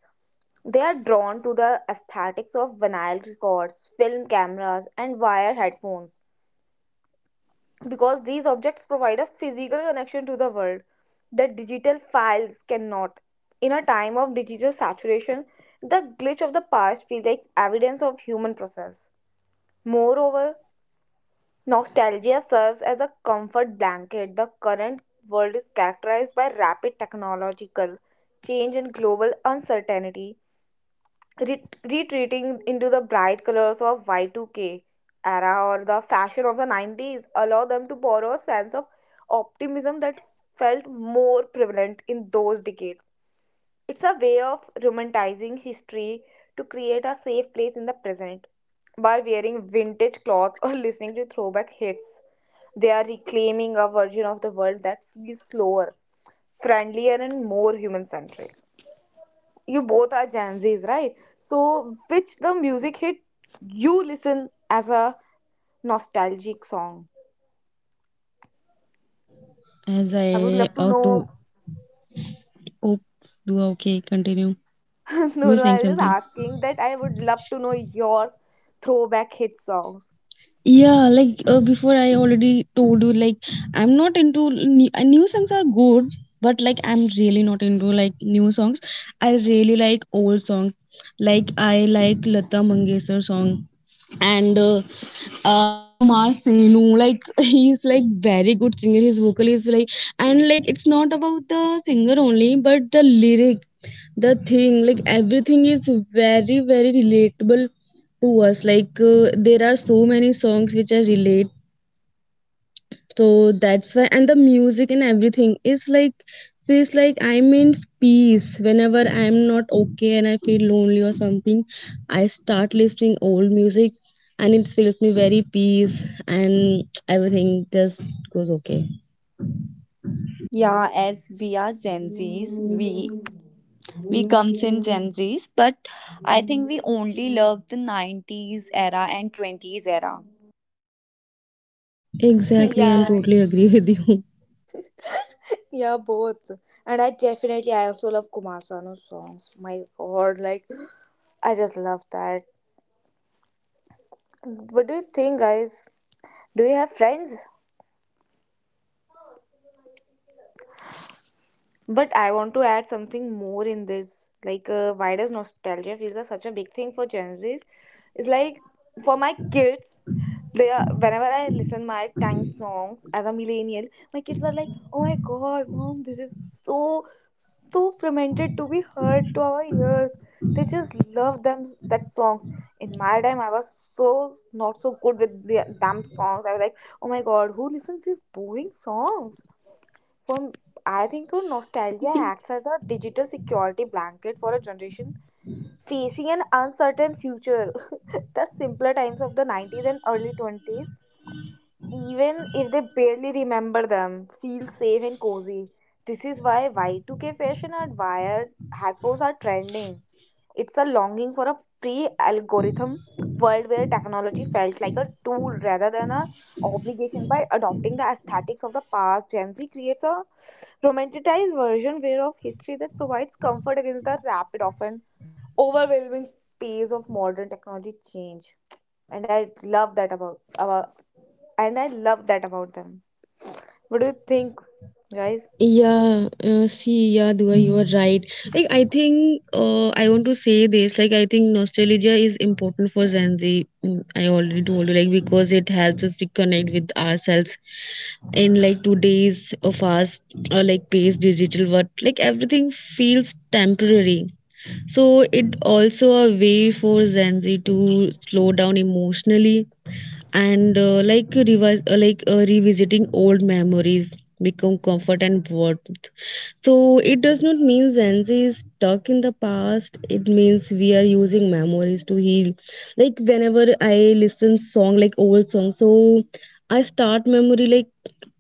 [SPEAKER 3] They are drawn to the aesthetics of vinyl records, film cameras, and wire headphones, because these objects provide a physical connection to the world that digital files cannot. In a time of digital saturation, the glitch of the past feels like evidence of human process. Moreover, nostalgia serves as a comfort blanket. The current world is characterized by rapid technological change and global uncertainty. re- Retreating into the bright colors of Y2K era or the fashion of the 90s allow them to borrow a sense of optimism that felt more prevalent in those decades. It's a way of romanticizing history to create a safe place in the present. By wearing vintage clothes or listening to throwback hits, they are reclaiming a version of the world that feels slower, friendlier, and more human centric. You both are Gen Zs, right? So, which the music hit you listen as a nostalgic song?
[SPEAKER 2] As
[SPEAKER 3] I would
[SPEAKER 2] I
[SPEAKER 3] love to
[SPEAKER 2] auto,
[SPEAKER 3] know.
[SPEAKER 2] oops, do okay, continue. You
[SPEAKER 3] No,
[SPEAKER 2] were
[SPEAKER 3] no, I
[SPEAKER 2] saying
[SPEAKER 3] was just
[SPEAKER 2] something.
[SPEAKER 3] asking that I would love to know your throwback hit songs.
[SPEAKER 2] Yeah, before I already told you, like I'm not into new, new songs are good, but like I'm really not into like new songs. I really like old songs. Like I like Lata Mangeshkar song and like Kumar Sanu. Like he's like very good singer. His vocal is like, and like it's not about the singer only, but the lyric, the thing, like everything is very relatable to us. There are so many songs which I relate, so that's why. And the music and everything is like feels like I'm in peace. Whenever I'm not okay and I feel lonely or something, I start listening old music, and it feels me very peace, and everything just goes okay.
[SPEAKER 1] Yeah, as we are Gen Zs, we comes in Gen Zs, but I think we only love the 90s era and 20s era.
[SPEAKER 2] Exactly, I'm
[SPEAKER 3] Yeah,
[SPEAKER 2] totally agree with you.
[SPEAKER 3] yeah, both. And I definitely, I also love Kumar Sanu's songs. My god, like, I just love that.
[SPEAKER 2] Yeah,
[SPEAKER 3] What do you think,
[SPEAKER 2] there
[SPEAKER 3] guys? Do you have friends? But I want to add something more in this. Like, why does nostalgia feels are such a big thing for Gen Zs? It's like for my kids, they are whenever I listen my time songs as a millennial, my kids are like, "Oh my god, mom, this is so so fermented to be heard to our ears." They just love them that songs. In my time, I was so not so good with the damn songs. I was like, "Oh my god, who listens these boring songs?" For I think so, nostalgia acts as a digital security blanket for a generation facing an uncertain future. The simpler times of the 90s and early 20s, even if they barely remember them, feel safe and cozy. This is why Y2K fashion and wired headphones are trending. It's a longing for a pre algorithm world where technology felt like a tool rather than an obligation. By adopting the aesthetics of the past, Gen Z creates a romanticized version where of history that provides comfort against the rapid, often overwhelming pace of modern technology change. And I love that about and I love that about them. What do you think, guys?
[SPEAKER 2] Yeah, see, yeah, Dua, you are right. Like, I think I want to say this. Like, I think nostalgia is important for Gen Z. Mm, I already told you, like, because it helps us reconnect with ourselves in like today's fast, like, paced digital world. Like, everything feels temporary. So, it also a way for Gen Z to slow down emotionally and like revise, like revisiting old memories become comfort and warmth. So it does not mean Gen Z is stuck in the past. It means we are using memories to heal. Like whenever I listen song like old song, so I start memory like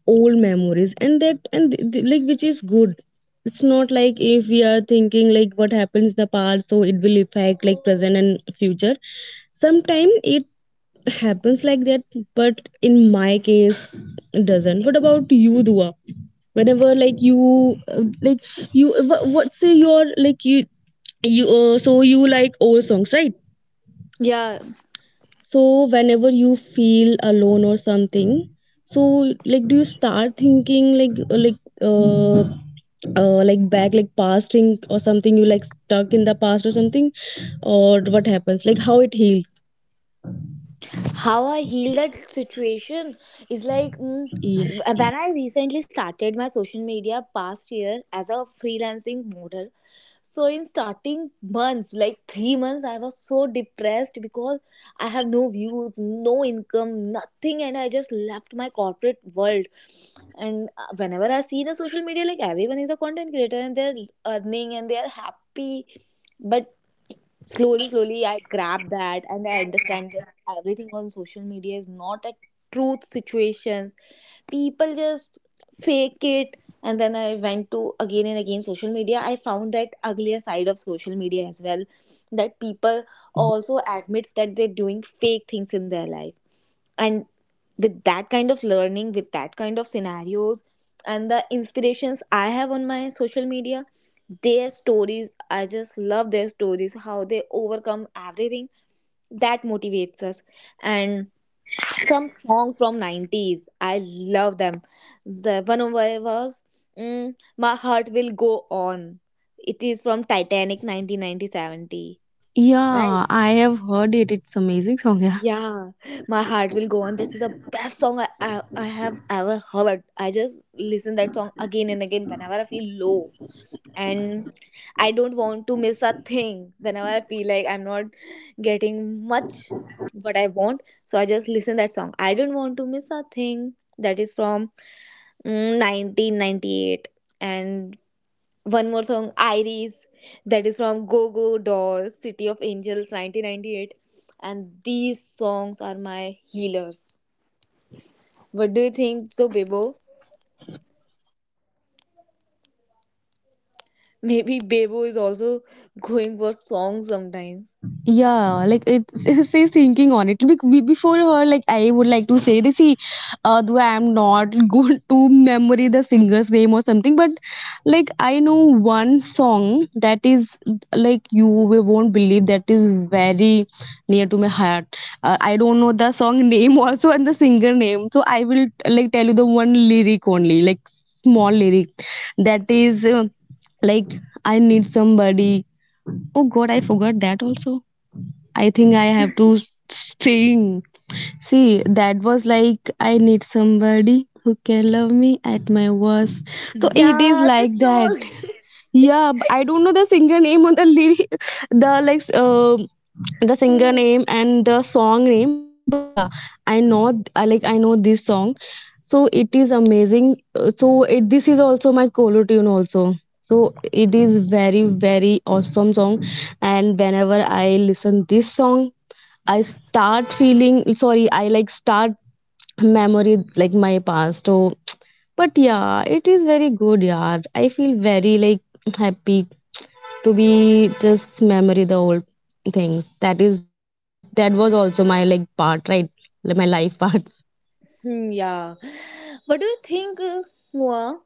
[SPEAKER 2] old memories, and that and like which is good. It's not like if we are thinking like what happens in the past, so it will affect like present and future. Sometimes it happens like that, but in my case it doesn't. What about you, Dua? Whenever like you what say you are like you so you like old songs, right?
[SPEAKER 3] Yeah,
[SPEAKER 2] So whenever you feel alone or something, so like do you start thinking like back like past thing, or something you like stuck in the past or something, or what happens, like how it heals?
[SPEAKER 3] how I heal that situation is like
[SPEAKER 2] Yeah,
[SPEAKER 3] when I recently started my social media past year as a freelancing model. So in starting months, like 3 months, I was so depressed because I have no views, no income, nothing, and I just left my corporate world. And whenever I see the social media, like everyone is a content creator and they're earning and they are happy, but slowly slowly I grab that and I understand that everything on social media is not a truth situation. People just fake it. And then I went to again and again social media. I found that uglier side of social media as well, that people also admits that they're doing fake things in their life. And with that kind of learning, with that kind of scenarios, and the inspirations I have on my social media, their stories, I just love their stories, how they overcome everything. That motivates us. And some song from 90s I love them. The one of it was My Heart Will Go On. It is from Titanic, nineteen ninety seventy, right?
[SPEAKER 2] Yeah, I have heard it. It's amazing song. yeah.
[SPEAKER 3] Yeah. My Heart Will Go On, this is the best song I have ever heard. I just listen that song again and again whenever I feel low. And I Don't Want to Miss a Thing, whenever I feel like I'm not getting much what I want, so I just listen that song. I Don't Want to Miss a Thing, that is from 1998. And one more song, Iris, that is from Go Go Dolls, City of Angels, 1998. And these songs are my healers. What do you think so, Bebo? Maybe Bebo is also going for songs sometimes.
[SPEAKER 2] Yeah, like it says thinking on it. Before her, like I would like to say this. See, although I am not good to memory the singer's name or something, but like I know one song that is like you will won't believe that is very near to my heart. I don't know the song name also and the singer name, so I will like tell you the one lyric only, like small lyric that is like I need somebody. Oh God, I forgot that also. I think I have to sing. See, that was like I need somebody who can love me at my worst. So it is
[SPEAKER 3] Yeah, that
[SPEAKER 2] like that.
[SPEAKER 3] song.
[SPEAKER 2] Yeah, b- I don't know the singer name or the lyric, the like the singer
[SPEAKER 3] Mm.
[SPEAKER 2] name and the song name, but yeah, I know I like I know this song. So it is amazing. So it this is also my colo tune also. So it is very awesome song, and whenever I listen this song, I start feeling sorry. I like start memory like my past. So but yeah, it is very good, yeah. I feel very like happy to be just memory the old things. That is that was also my like part, right? Like my life parts.
[SPEAKER 3] Hmm, yeah. What do you think, Noah?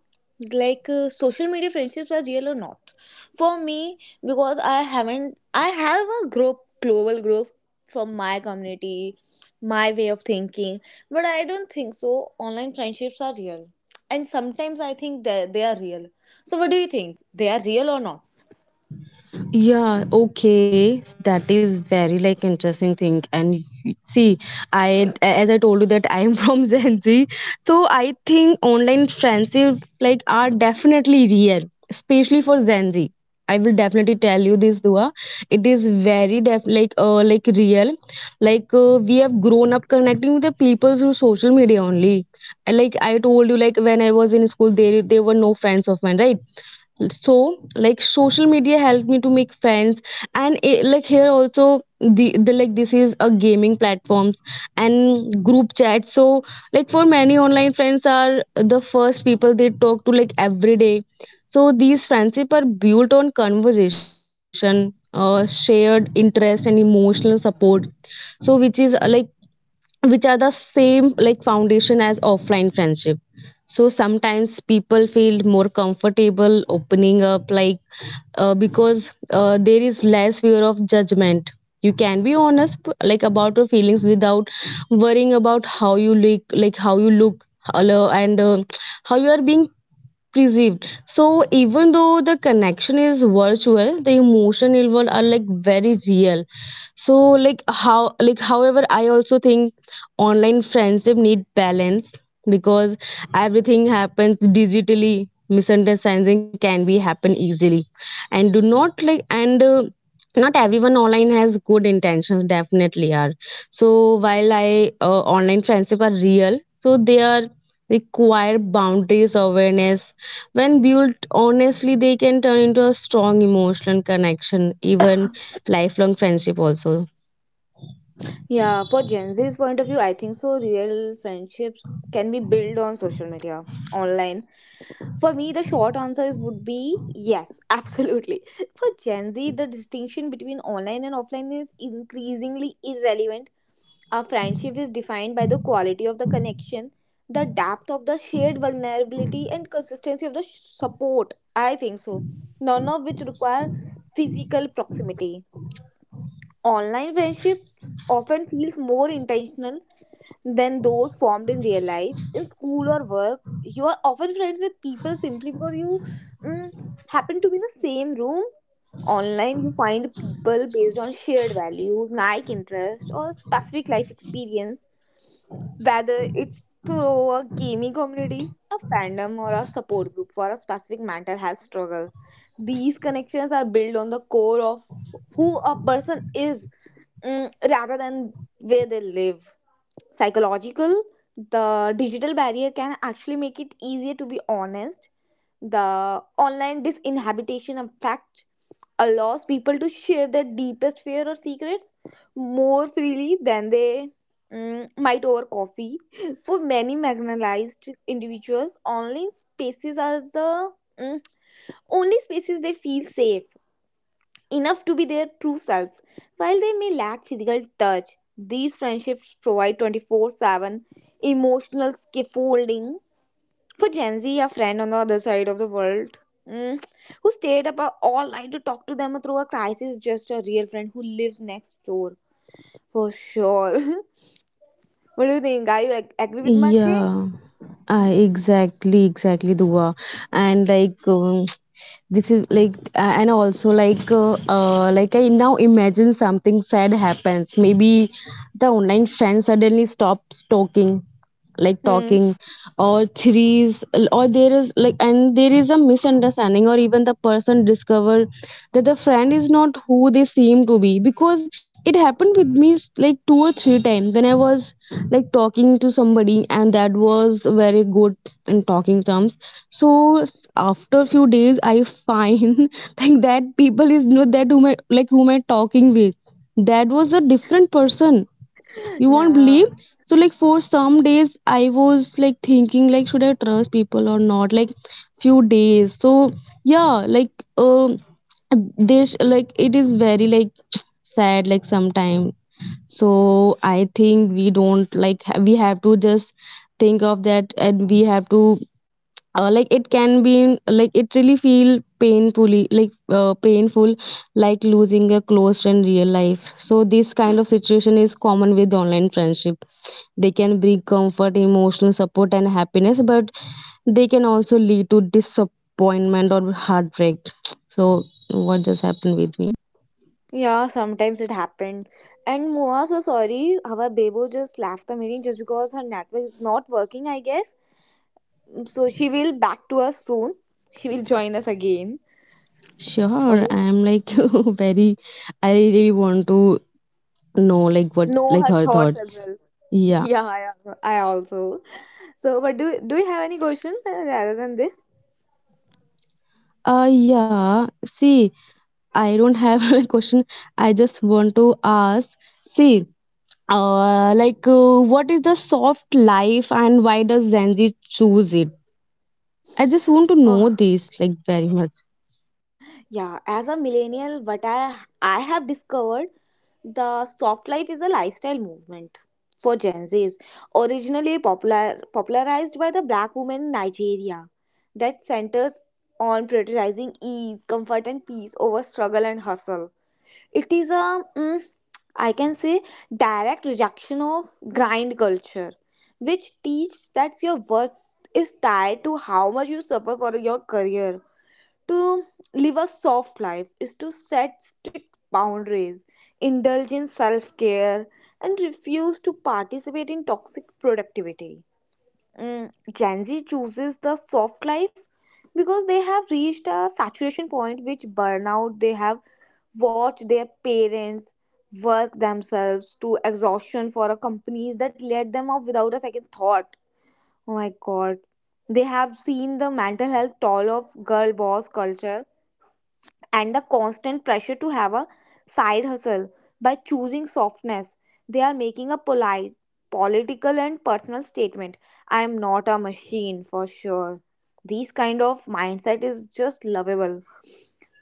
[SPEAKER 3] Like social media friendships are real or not? For me, because I haven't, I have a group, global group from my community, my way of thinking, but I don't think so. Online friendships are real, and sometimes I think that they are real. So, what do you think? They are real or not?
[SPEAKER 2] Yeah, okay. That is very like interesting thing. And y- see, I as I told you that I am from Gen Z, so I think online friendship like are definitely real, especially for Gen Z. I will definitely tell you this, Dua. It is very def like real. Like we have grown up connecting with the people through social media only. And like I told you, like when I was in school, there were no friends of mine, right? So like social media helped me to make friends, and it, like here also the like this is a gaming platforms and group chat. So like for many, online friends are the first people they talk to like every day. So these friendship are built on conversation, shared interest, and emotional support. So which is like which are the same like foundation as offline friendship. So sometimes people feel more comfortable opening up like because there is less fear of judgment. You can be honest like about your feelings without worrying about how you look, like how you look, hello, and how you are being perceived. So even though the connection is virtual, the emotion involved are like very real. So like how, like however, I also think online friendship need balance, because everything happens digitally. Misunderstanding can be happen easily, and do not like and. Not everyone online has good intentions definitely are. So while I online friendship are real, so they are require boundaries awareness. When built honestly, they can turn into a strong emotional connection, even lifelong friendship also.
[SPEAKER 3] Yeah, for Gen Z's point of view, I think so. Real friendships can be built on social media, online. For me, the short answer is would be yes, absolutely. For Gen Z, the distinction between online and offline is increasingly irrelevant. Our friendship is defined by the quality of the connection, the depth of the shared vulnerability, and consistency of the support. I think so. None of which require physical proximity. Online friendships often feels more intentional than those formed in real life. In school or work, you are often friends with people simply because you mm, happen to be in the same room. Online, you find people based on shared values, like interest, or specific life experience, whether it's through a gaming community, a fandom, or a support group for a specific mental health struggle. These connections are built on the core of who a person is, rather than where they live. Psychological The digital barrier can actually make it easier to be honest. The online disinhabitation effect allows people to share their deepest fear or secrets more freely than they might over coffee. For many marginalized individuals, online spaces are the mm, only spaces they feel safe enough to be their true selves. While they may lack physical touch, these friendships provide 24/7 emotional scaffolding. For Gen Z, a friend on the other side of the world, mm, who stayed up all night to talk to them through a crisis? Just a real friend who lives next door, for sure. What do you think? Are you agree with my
[SPEAKER 2] Yeah,
[SPEAKER 3] things?
[SPEAKER 2] I exactly exactly Dua. And like, this is like, and also like, like I now imagine something sad happens. Maybe the online friend suddenly stops talking, like
[SPEAKER 3] Hmm.
[SPEAKER 2] talking, or threes, or there is like, and there is a misunderstanding, or even the person discover that the friend is not who they seem to be. Because it happened with me like two or three times when I was like talking to somebody and that was very good in talking terms. So after few days I find, like that people is not that whom I, like whom I talking with. That was a different person. You won't
[SPEAKER 3] Yeah.
[SPEAKER 2] believe. So like for some days I was like thinking like, should I trust people or not, like few days. So yeah, like um this, like it is very like sad like sometime. So I think we don't like we have to just think of that, and we have to like it can be like it really feel painfully, like painful, like losing a close friend in real life. So this kind of situation is common with online friendship. They can bring comfort, emotional support, and happiness, but they can also lead to disappointment or heartbreak. So what just happened with me.
[SPEAKER 3] Yeah, sometimes it happened. And Moa, so sorry, our Bebo just left the meeting just because her network is not working, I guess. So she will back to us soon. She will join us again.
[SPEAKER 2] Sure,
[SPEAKER 3] Okay.
[SPEAKER 2] I'm like very, I really want to know like what
[SPEAKER 3] Know
[SPEAKER 2] like
[SPEAKER 3] her
[SPEAKER 2] her
[SPEAKER 3] thoughts as
[SPEAKER 2] thoughts.
[SPEAKER 3] well.
[SPEAKER 2] Yeah.
[SPEAKER 3] Yeah, I also. So, but do you have any questions, rather than this?
[SPEAKER 2] Yeah, see, I don't have a question. I just want to ask. See, like, what is the soft life and why does Gen Z choose it? I just want to
[SPEAKER 3] Oh,
[SPEAKER 2] know this, like, very much.
[SPEAKER 3] yeah, as a millennial, what I have discovered, the soft life is a lifestyle movement for Gen Zs, originally popularized by the black woman in Nigeria, that centers on prioritizing ease, comfort, and peace over struggle and hustle. It is a, I can say, direct rejection of grind culture, which teaches that your worth is tied to how much you suffer for your career. To live a soft life is to set strict boundaries, indulge in self care, and refuse to participate in toxic productivity. Gen Z chooses the soft life because they have reached a saturation point which burnout. They have watched their parents work themselves to exhaustion for a companies that let them off without a second thought. Oh my god, they have seen the mental health toll of girl boss culture and the constant pressure to have a side hustle. By choosing softness, they are making a polite, political, and personal statement. I am not a machine, for sure. These kind of mindset is just lovable.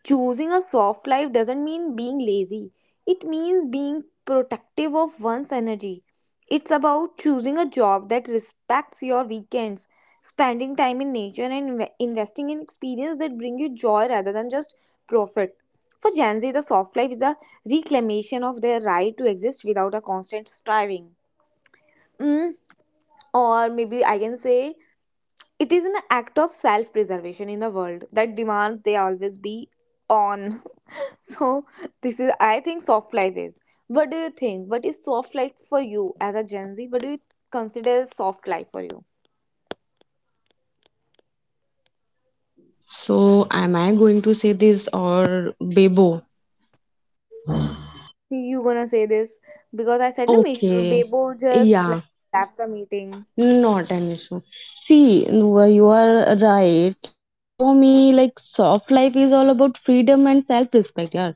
[SPEAKER 3] Choosing a soft life doesn't mean being lazy. It means being protective of one's energy. It's about choosing a job that respects your weekends, spending time in nature, and investing in experiences that bring you joy rather than just profit. For Gen Z, the soft life is a reclamation of their right to exist without a constant striving. Mm, or maybe I can say it is an act of self preservation in a world that demands they always be on. So, this is, I think, soft life is. What do you think? What is soft life for you as a Gen Z? What do you consider as soft life for you?
[SPEAKER 2] So, am I going to say this or Bebo?
[SPEAKER 3] You gonna say this because I said, no,
[SPEAKER 2] Okay.
[SPEAKER 3] Bebo just
[SPEAKER 2] Yeah.
[SPEAKER 3] left the meeting.
[SPEAKER 2] Not an issue. See, Nuva, you are right. Like for me, like soft life is all about freedom and self-respect, yeah.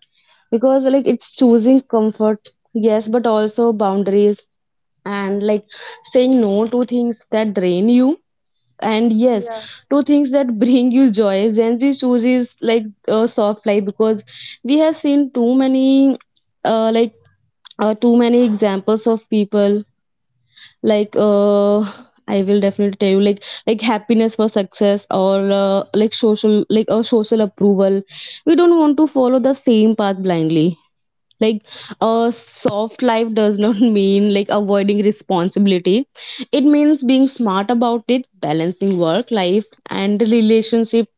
[SPEAKER 2] Because like it's choosing comfort, yes, but also boundaries and like saying no to things that drain you, and yes
[SPEAKER 3] Yeah.
[SPEAKER 2] to things that bring you joy. Gen Z chooses like a soft life because we have seen too many, like, too many examples of people like, I will definitely tell you like happiness for success or like social like a social approval. We don't want to follow the same path blindly. Like a soft life does not mean like avoiding responsibility. It means being smart about it, balancing work, life, and relationships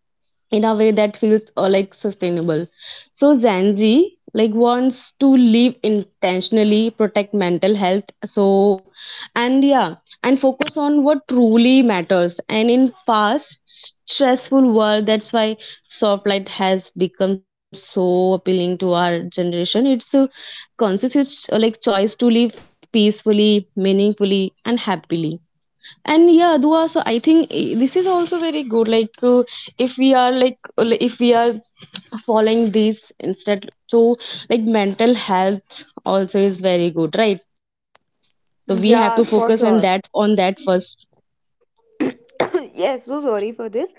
[SPEAKER 2] in a way that feels like sustainable. So Gen Z like wants to live intentionally, protect mental health, so and yeah, and focus on what truly matters. And in fast stressful world, that's why soft light has become so appealing to our generation. It's a conscious like choice to live peacefully, meaningfully, and happily. And yeah, Dua, so I think eh, this is also very good. Like, if we are like, if we are following these instead, so like mental health also is very good, right? So we have to focus on
[SPEAKER 3] Yeah,
[SPEAKER 2] that,
[SPEAKER 3] for
[SPEAKER 2] on
[SPEAKER 3] sure.
[SPEAKER 2] that first.
[SPEAKER 3] Yes, so sorry for this.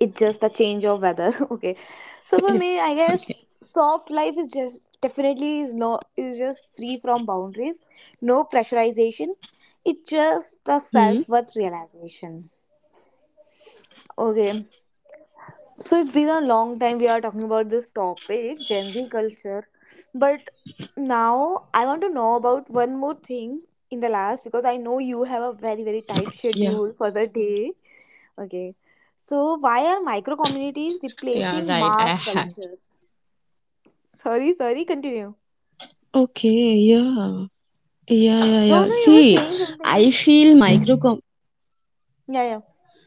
[SPEAKER 3] It's just a change of weather. Okay, so
[SPEAKER 2] It's
[SPEAKER 3] for me,
[SPEAKER 2] okay.
[SPEAKER 3] I guess soft life is just definitely is no, is just free from boundaries, no pressurization.
[SPEAKER 2] Hmm.
[SPEAKER 3] It's just the self-worth realization. Okay, so it's been a long time we are talking about this topic, Gen Z culture, but now I want to know about one more thing in the last, because I know you have a very very
[SPEAKER 2] Yeah.
[SPEAKER 3] tight schedule for the day. Okay. So why are micro communities
[SPEAKER 2] Yeah, right. I
[SPEAKER 3] replacing
[SPEAKER 2] have.
[SPEAKER 3] mass culture? Sorry, sorry, continue.
[SPEAKER 2] Okay, yeah. Yeah, yeah, yeah.
[SPEAKER 3] No, no, you
[SPEAKER 2] See,
[SPEAKER 3] were saying
[SPEAKER 2] I
[SPEAKER 3] something.
[SPEAKER 2] feel micro.
[SPEAKER 3] Yeah, yeah.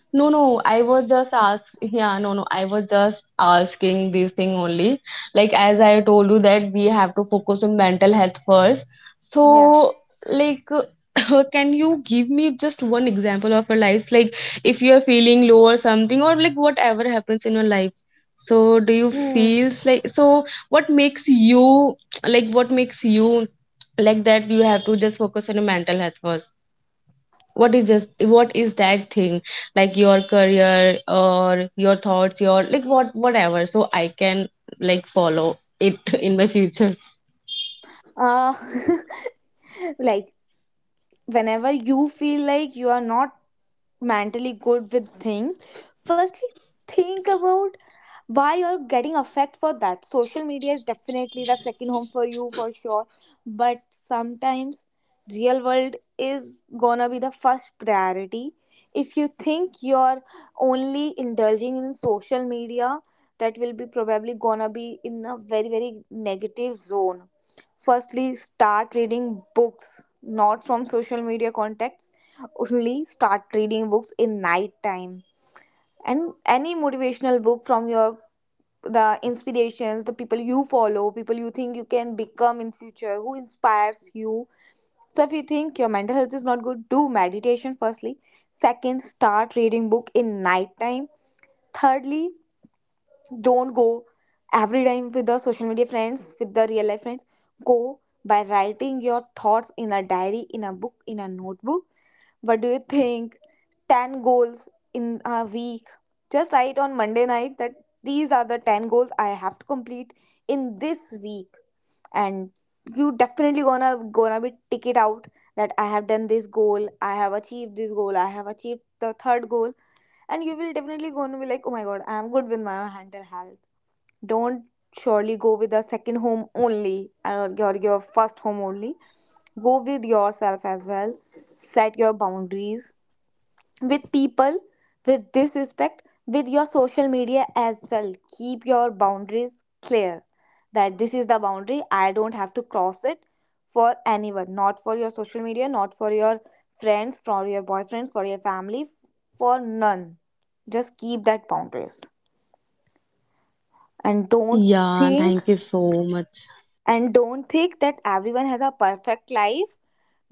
[SPEAKER 2] No, no, I was just ask yeah, no, no, I was just asking this thing only. Like as I told you that we have to focus on mental health first.
[SPEAKER 3] Yeah.
[SPEAKER 2] So like can you give me just one example of your life? Like if you're feeling low or something or like whatever happens in your. So do you
[SPEAKER 3] Hmm.
[SPEAKER 2] feel like, so what makes you like, what makes you like that you have to just focus on your mental health first? What is just, what is that thing, like your career or your thoughts your like what, whatever, so I can like follow it in my future.
[SPEAKER 3] Uh, like whenever you feel like you are not mentally good with thing, firstly think about why you're getting affect for that. Social media is definitely the second home for you, for sure, but sometimes real world is gonna be the first priority. If you think you're only indulging in social media, that will be probably gonna be in a very very negative zone. Firstly, start reading books, not from social media contexts. Only start reading books in night time, and any motivational book from your, the inspirations, the people you follow, people you think you can become in future, who inspires you. So if you think your mental health is not good, do meditation firstly. Second, start reading book in night time. Thirdly, don't go every time with the social media friends, with the real life friends. Go by writing your thoughts in a diary, in a book, in a notebook. What do you think? 10 goals in a week. Just write on Monday night that these are the 10 goals I have to complete in this week. And you definitely gonna be tick it out that I have done this goal, I have achieved this goal, I have achieved the third goal, and you will definitely gonna be like, oh my god, I am good with my mental health. Don't surely go with the second home only, or your first home only. Go with yourself as well. Set your boundaries with people, with disrespect, with your social media as well. Keep your boundaries clear that this is the boundary, I don't have to cross it for anyone, not for your social media, not for your friends, for your boyfriends, for your family, for none. Just keep that boundaries, and don't think
[SPEAKER 2] Yeah, thank you so much.
[SPEAKER 3] that everyone has a perfect life.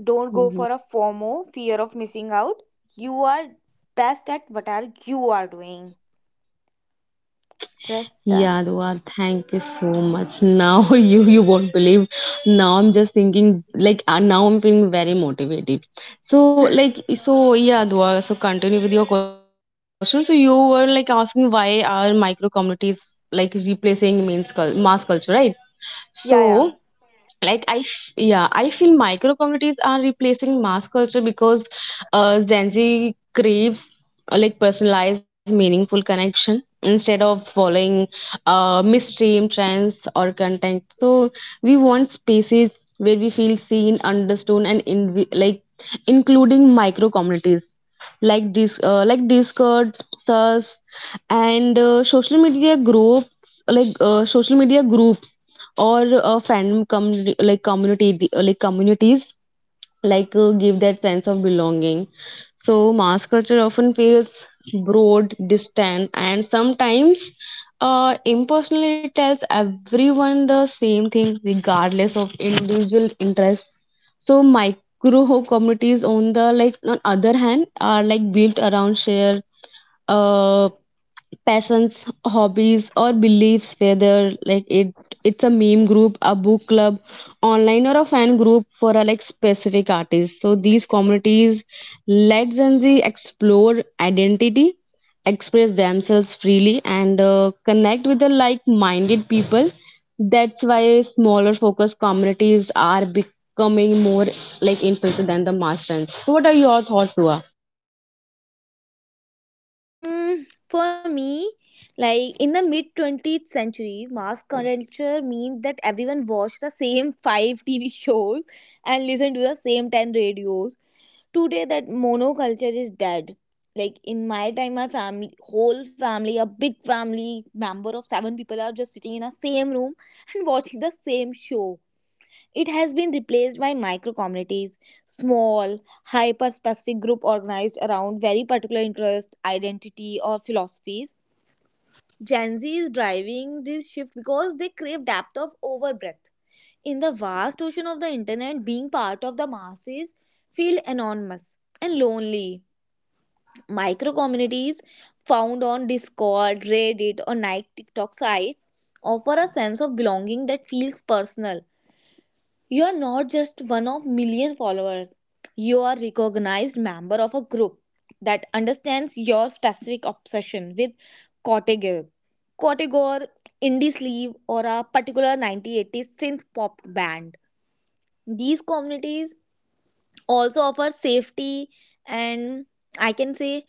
[SPEAKER 3] Don't go for a
[SPEAKER 2] Mhm.
[SPEAKER 3] FOMO, fear of missing out. You are best at whatever you are doing. Just done.
[SPEAKER 2] Yeah, Dua, thank you so much now. You won't believe, now I'm just thinking like, now I'm feeling very motivated. So like, so yeah, Dua, so continue with your question. So you were like asking, why are micro communities like replacing mass culture, right?
[SPEAKER 3] Yeah,
[SPEAKER 2] So,
[SPEAKER 3] yeah.
[SPEAKER 2] like I, yeah, I feel micro communities are replacing mass culture because Gen Z craves like personalized, meaningful connection instead of following mainstream trends or content. So we want spaces where we feel seen, understood, and in like including micro communities like this like discord sus, and social media groups, like social media groups, or fandom community like communities, like give that sense of belonging. So mass culture often feels broad, distant, and sometimes impersonal. It tells everyone the same thing regardless of individual interests. So micro communities on the like on other hand are like built around shared uh, passions, hobbies, or beliefs, whether like it's a meme group, a book club, online, or a fan group for a like specific artist. So these communities let Gen Z explore identity, express themselves freely, and connect with the like-minded people. That's why smaller focus communities are becoming more like influential than the mass trends. So what are your thoughts, Dua?
[SPEAKER 3] For me, like in the mid 20th century, mass culture means that everyone watched the same five TV shows and listened to the same 10 radios. Today, that monoculture is dead. Like in my time, my family, whole family, a big family member of seven people are just sitting in a same room and watching the same show. It has been replaced by micro communities, small, hyper specific group organized around very particular interest, identity, or philosophies. Gen Z is driving this shift because they crave depth of over breadth. In the vast ocean of the internet, being part of the masses feel anonymous and lonely. Micro communities found on Discord, Reddit, or night TikTok sites offer a sense of belonging that feels personal. You are not just one of million followers. You are recognized member of a group that understands your specific obsession with Cortegor, Cortegor, Indie Sleeve, or a particular 1980s synth pop band. These communities also offer safety and, I can say,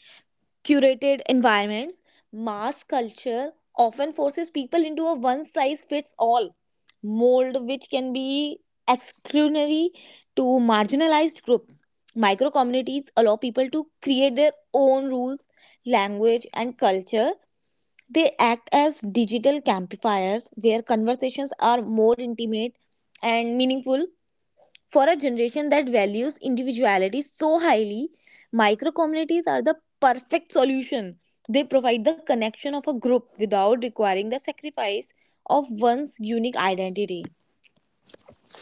[SPEAKER 3] curated environments. Mass culture often forces people into a one size fits all mold, which can be exclusionary to marginalized groups. Micro communities allow people to create their own rules, language, and culture. They act as digital amplifiers where conversations are more intimate and meaningful. For a generation that values individuality so highly, micro communities are the perfect solution. They provide the connection of a group without requiring the sacrifice of one's unique identity.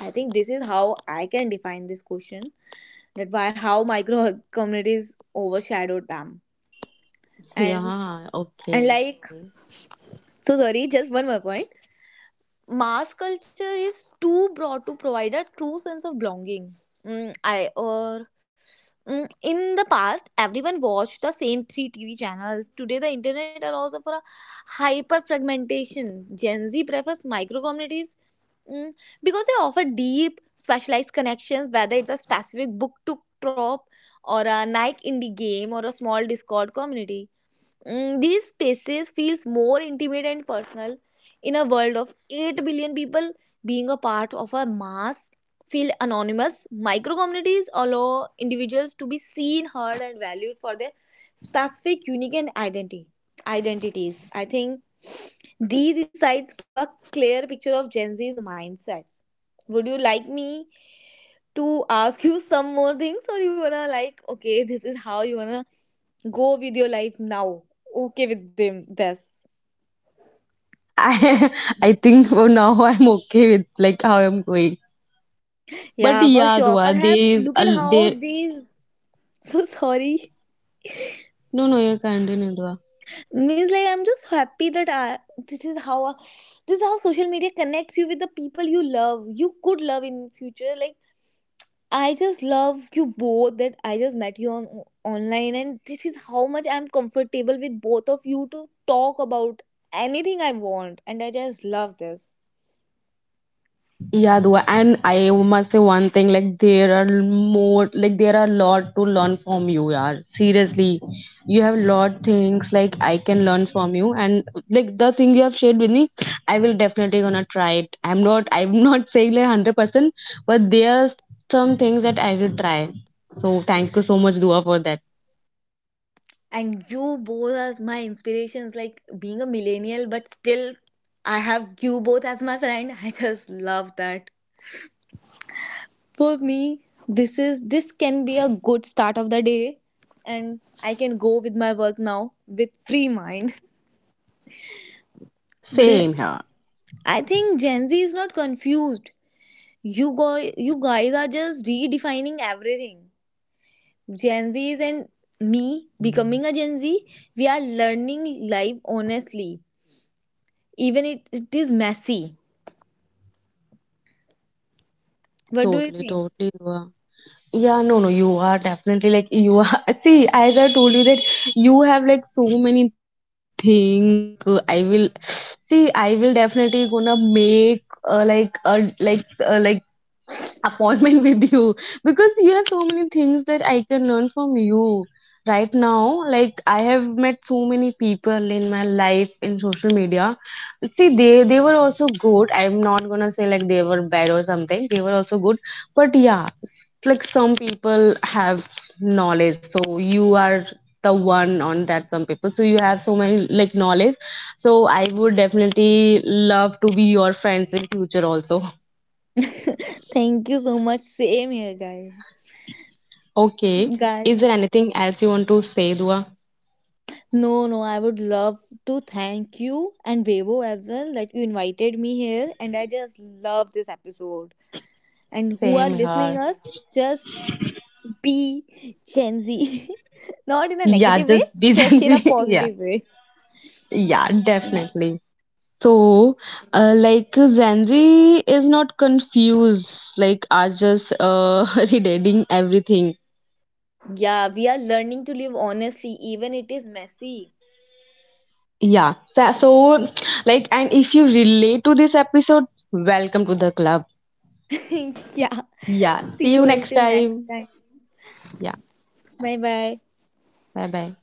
[SPEAKER 3] I think this is how I can define this question, that why how micro communities overshadowed them. And
[SPEAKER 2] Yeah,
[SPEAKER 3] and
[SPEAKER 2] okay.
[SPEAKER 3] like, so sorry, just one more point. Mass culture is too broad to provide a true sense of belonging. Mm, I or in the past, everyone watched the same three TV channels. Today, the internet allows for a hyper fragmentation. Gen Z prefers micro communities mm, because they offer deep specialized connections, whether it's a specific book to crop, or a nike indie game, or a small discord community. These spaces feels more intimate and personal. In a world of 8 billion people, being a part of a mass feel anonymous. Micro communities allow individuals to be seen, heard and valued for their specific unique and identity identities. I think these insights give a clear picture of Gen Z's mindsets. Would you like me to ask you some more things, or you wanna like, okay, this is how you wanna go with your life now? Okay with them. This.
[SPEAKER 2] I, I think for now I'm okay with like how I'm going. But
[SPEAKER 3] Yeah, for
[SPEAKER 2] yeah,
[SPEAKER 3] sure.
[SPEAKER 2] Dua, there
[SPEAKER 3] Perhaps
[SPEAKER 2] is
[SPEAKER 3] look
[SPEAKER 2] a
[SPEAKER 3] at how
[SPEAKER 2] there.
[SPEAKER 3] these. So sorry.
[SPEAKER 2] No, no, you continue, Dua.
[SPEAKER 3] Means like I'm just happy that I, this is how uh, this is how social media connects you with the people you love. You could love in future. Like, I just love you both. That I just met you on online, and this is how much I'm comfortable with both of you to talk about anything I want, and I just love this.
[SPEAKER 2] Yeah, Dua, and I must say one thing. Like there are more, like there are a lot to learn from you, yaar. Seriously, you have lot things like I can learn from you, and like the thing you have shared with me, I will definitely gonna try it. I'm not saying like 100%, but there are some things that I will try. So thank you so much, Dua, for that.
[SPEAKER 3] And you both are my inspirations, like being a millennial, but still I have you both as my friend. I just love that. For me, this can be a good start of the day, and I can go with my work now with free mind. But
[SPEAKER 2] Same
[SPEAKER 3] it,
[SPEAKER 2] here.
[SPEAKER 3] I think Gen Z is not confused. You guys are just redefining everything. Gen Z's and me becoming a Gen Z, we are learning life honestly, even it is messy. What do you
[SPEAKER 2] Totally,
[SPEAKER 3] think?
[SPEAKER 2] totally you are. Yeah, no, no, you are definitely like you are. See, as I told you that you have like so many things. Like I will, see, I will definitely gonna make like a like appointment with you because you have so many things that I can learn from you right now. Like I have met so many people in my life in social media. See, they were also good. I'm not gonna say like they were bad or something. They were also good, but yeah, like some people have knowledge. So you are the one on that. Some people, so you have so many like knowledge, so I would definitely love to be your friends in future also.
[SPEAKER 3] Thank you so much. Same here, guys.
[SPEAKER 2] Okay. Is
[SPEAKER 3] Guys,
[SPEAKER 2] there anything else you want to say, Dua?
[SPEAKER 3] no, no, I would love to thank you and Bebo as well that you invited me here, and I just love this episode. And who are
[SPEAKER 2] Same
[SPEAKER 3] listening
[SPEAKER 2] here.
[SPEAKER 3] us, just be Gen Z, not in a
[SPEAKER 2] Yeah,
[SPEAKER 3] negative way,
[SPEAKER 2] just be Gen
[SPEAKER 3] just in a
[SPEAKER 2] Z, yeah.
[SPEAKER 3] positive way.
[SPEAKER 2] Yeah,
[SPEAKER 3] Yeah,
[SPEAKER 2] definitely. So, like Gen Z is not confused, like are just redating everything.
[SPEAKER 3] yeah, we are learning to live honestly, even it is messy.
[SPEAKER 2] Yeah. So, so, like, and if you relate to this episode, welcome to the club.
[SPEAKER 3] Yeah,
[SPEAKER 2] Yeah.
[SPEAKER 3] see
[SPEAKER 2] See
[SPEAKER 3] you
[SPEAKER 2] you
[SPEAKER 3] all
[SPEAKER 2] next
[SPEAKER 3] till next
[SPEAKER 2] time.
[SPEAKER 3] time.
[SPEAKER 2] Yeah.
[SPEAKER 3] Bye bye.
[SPEAKER 2] Bye bye.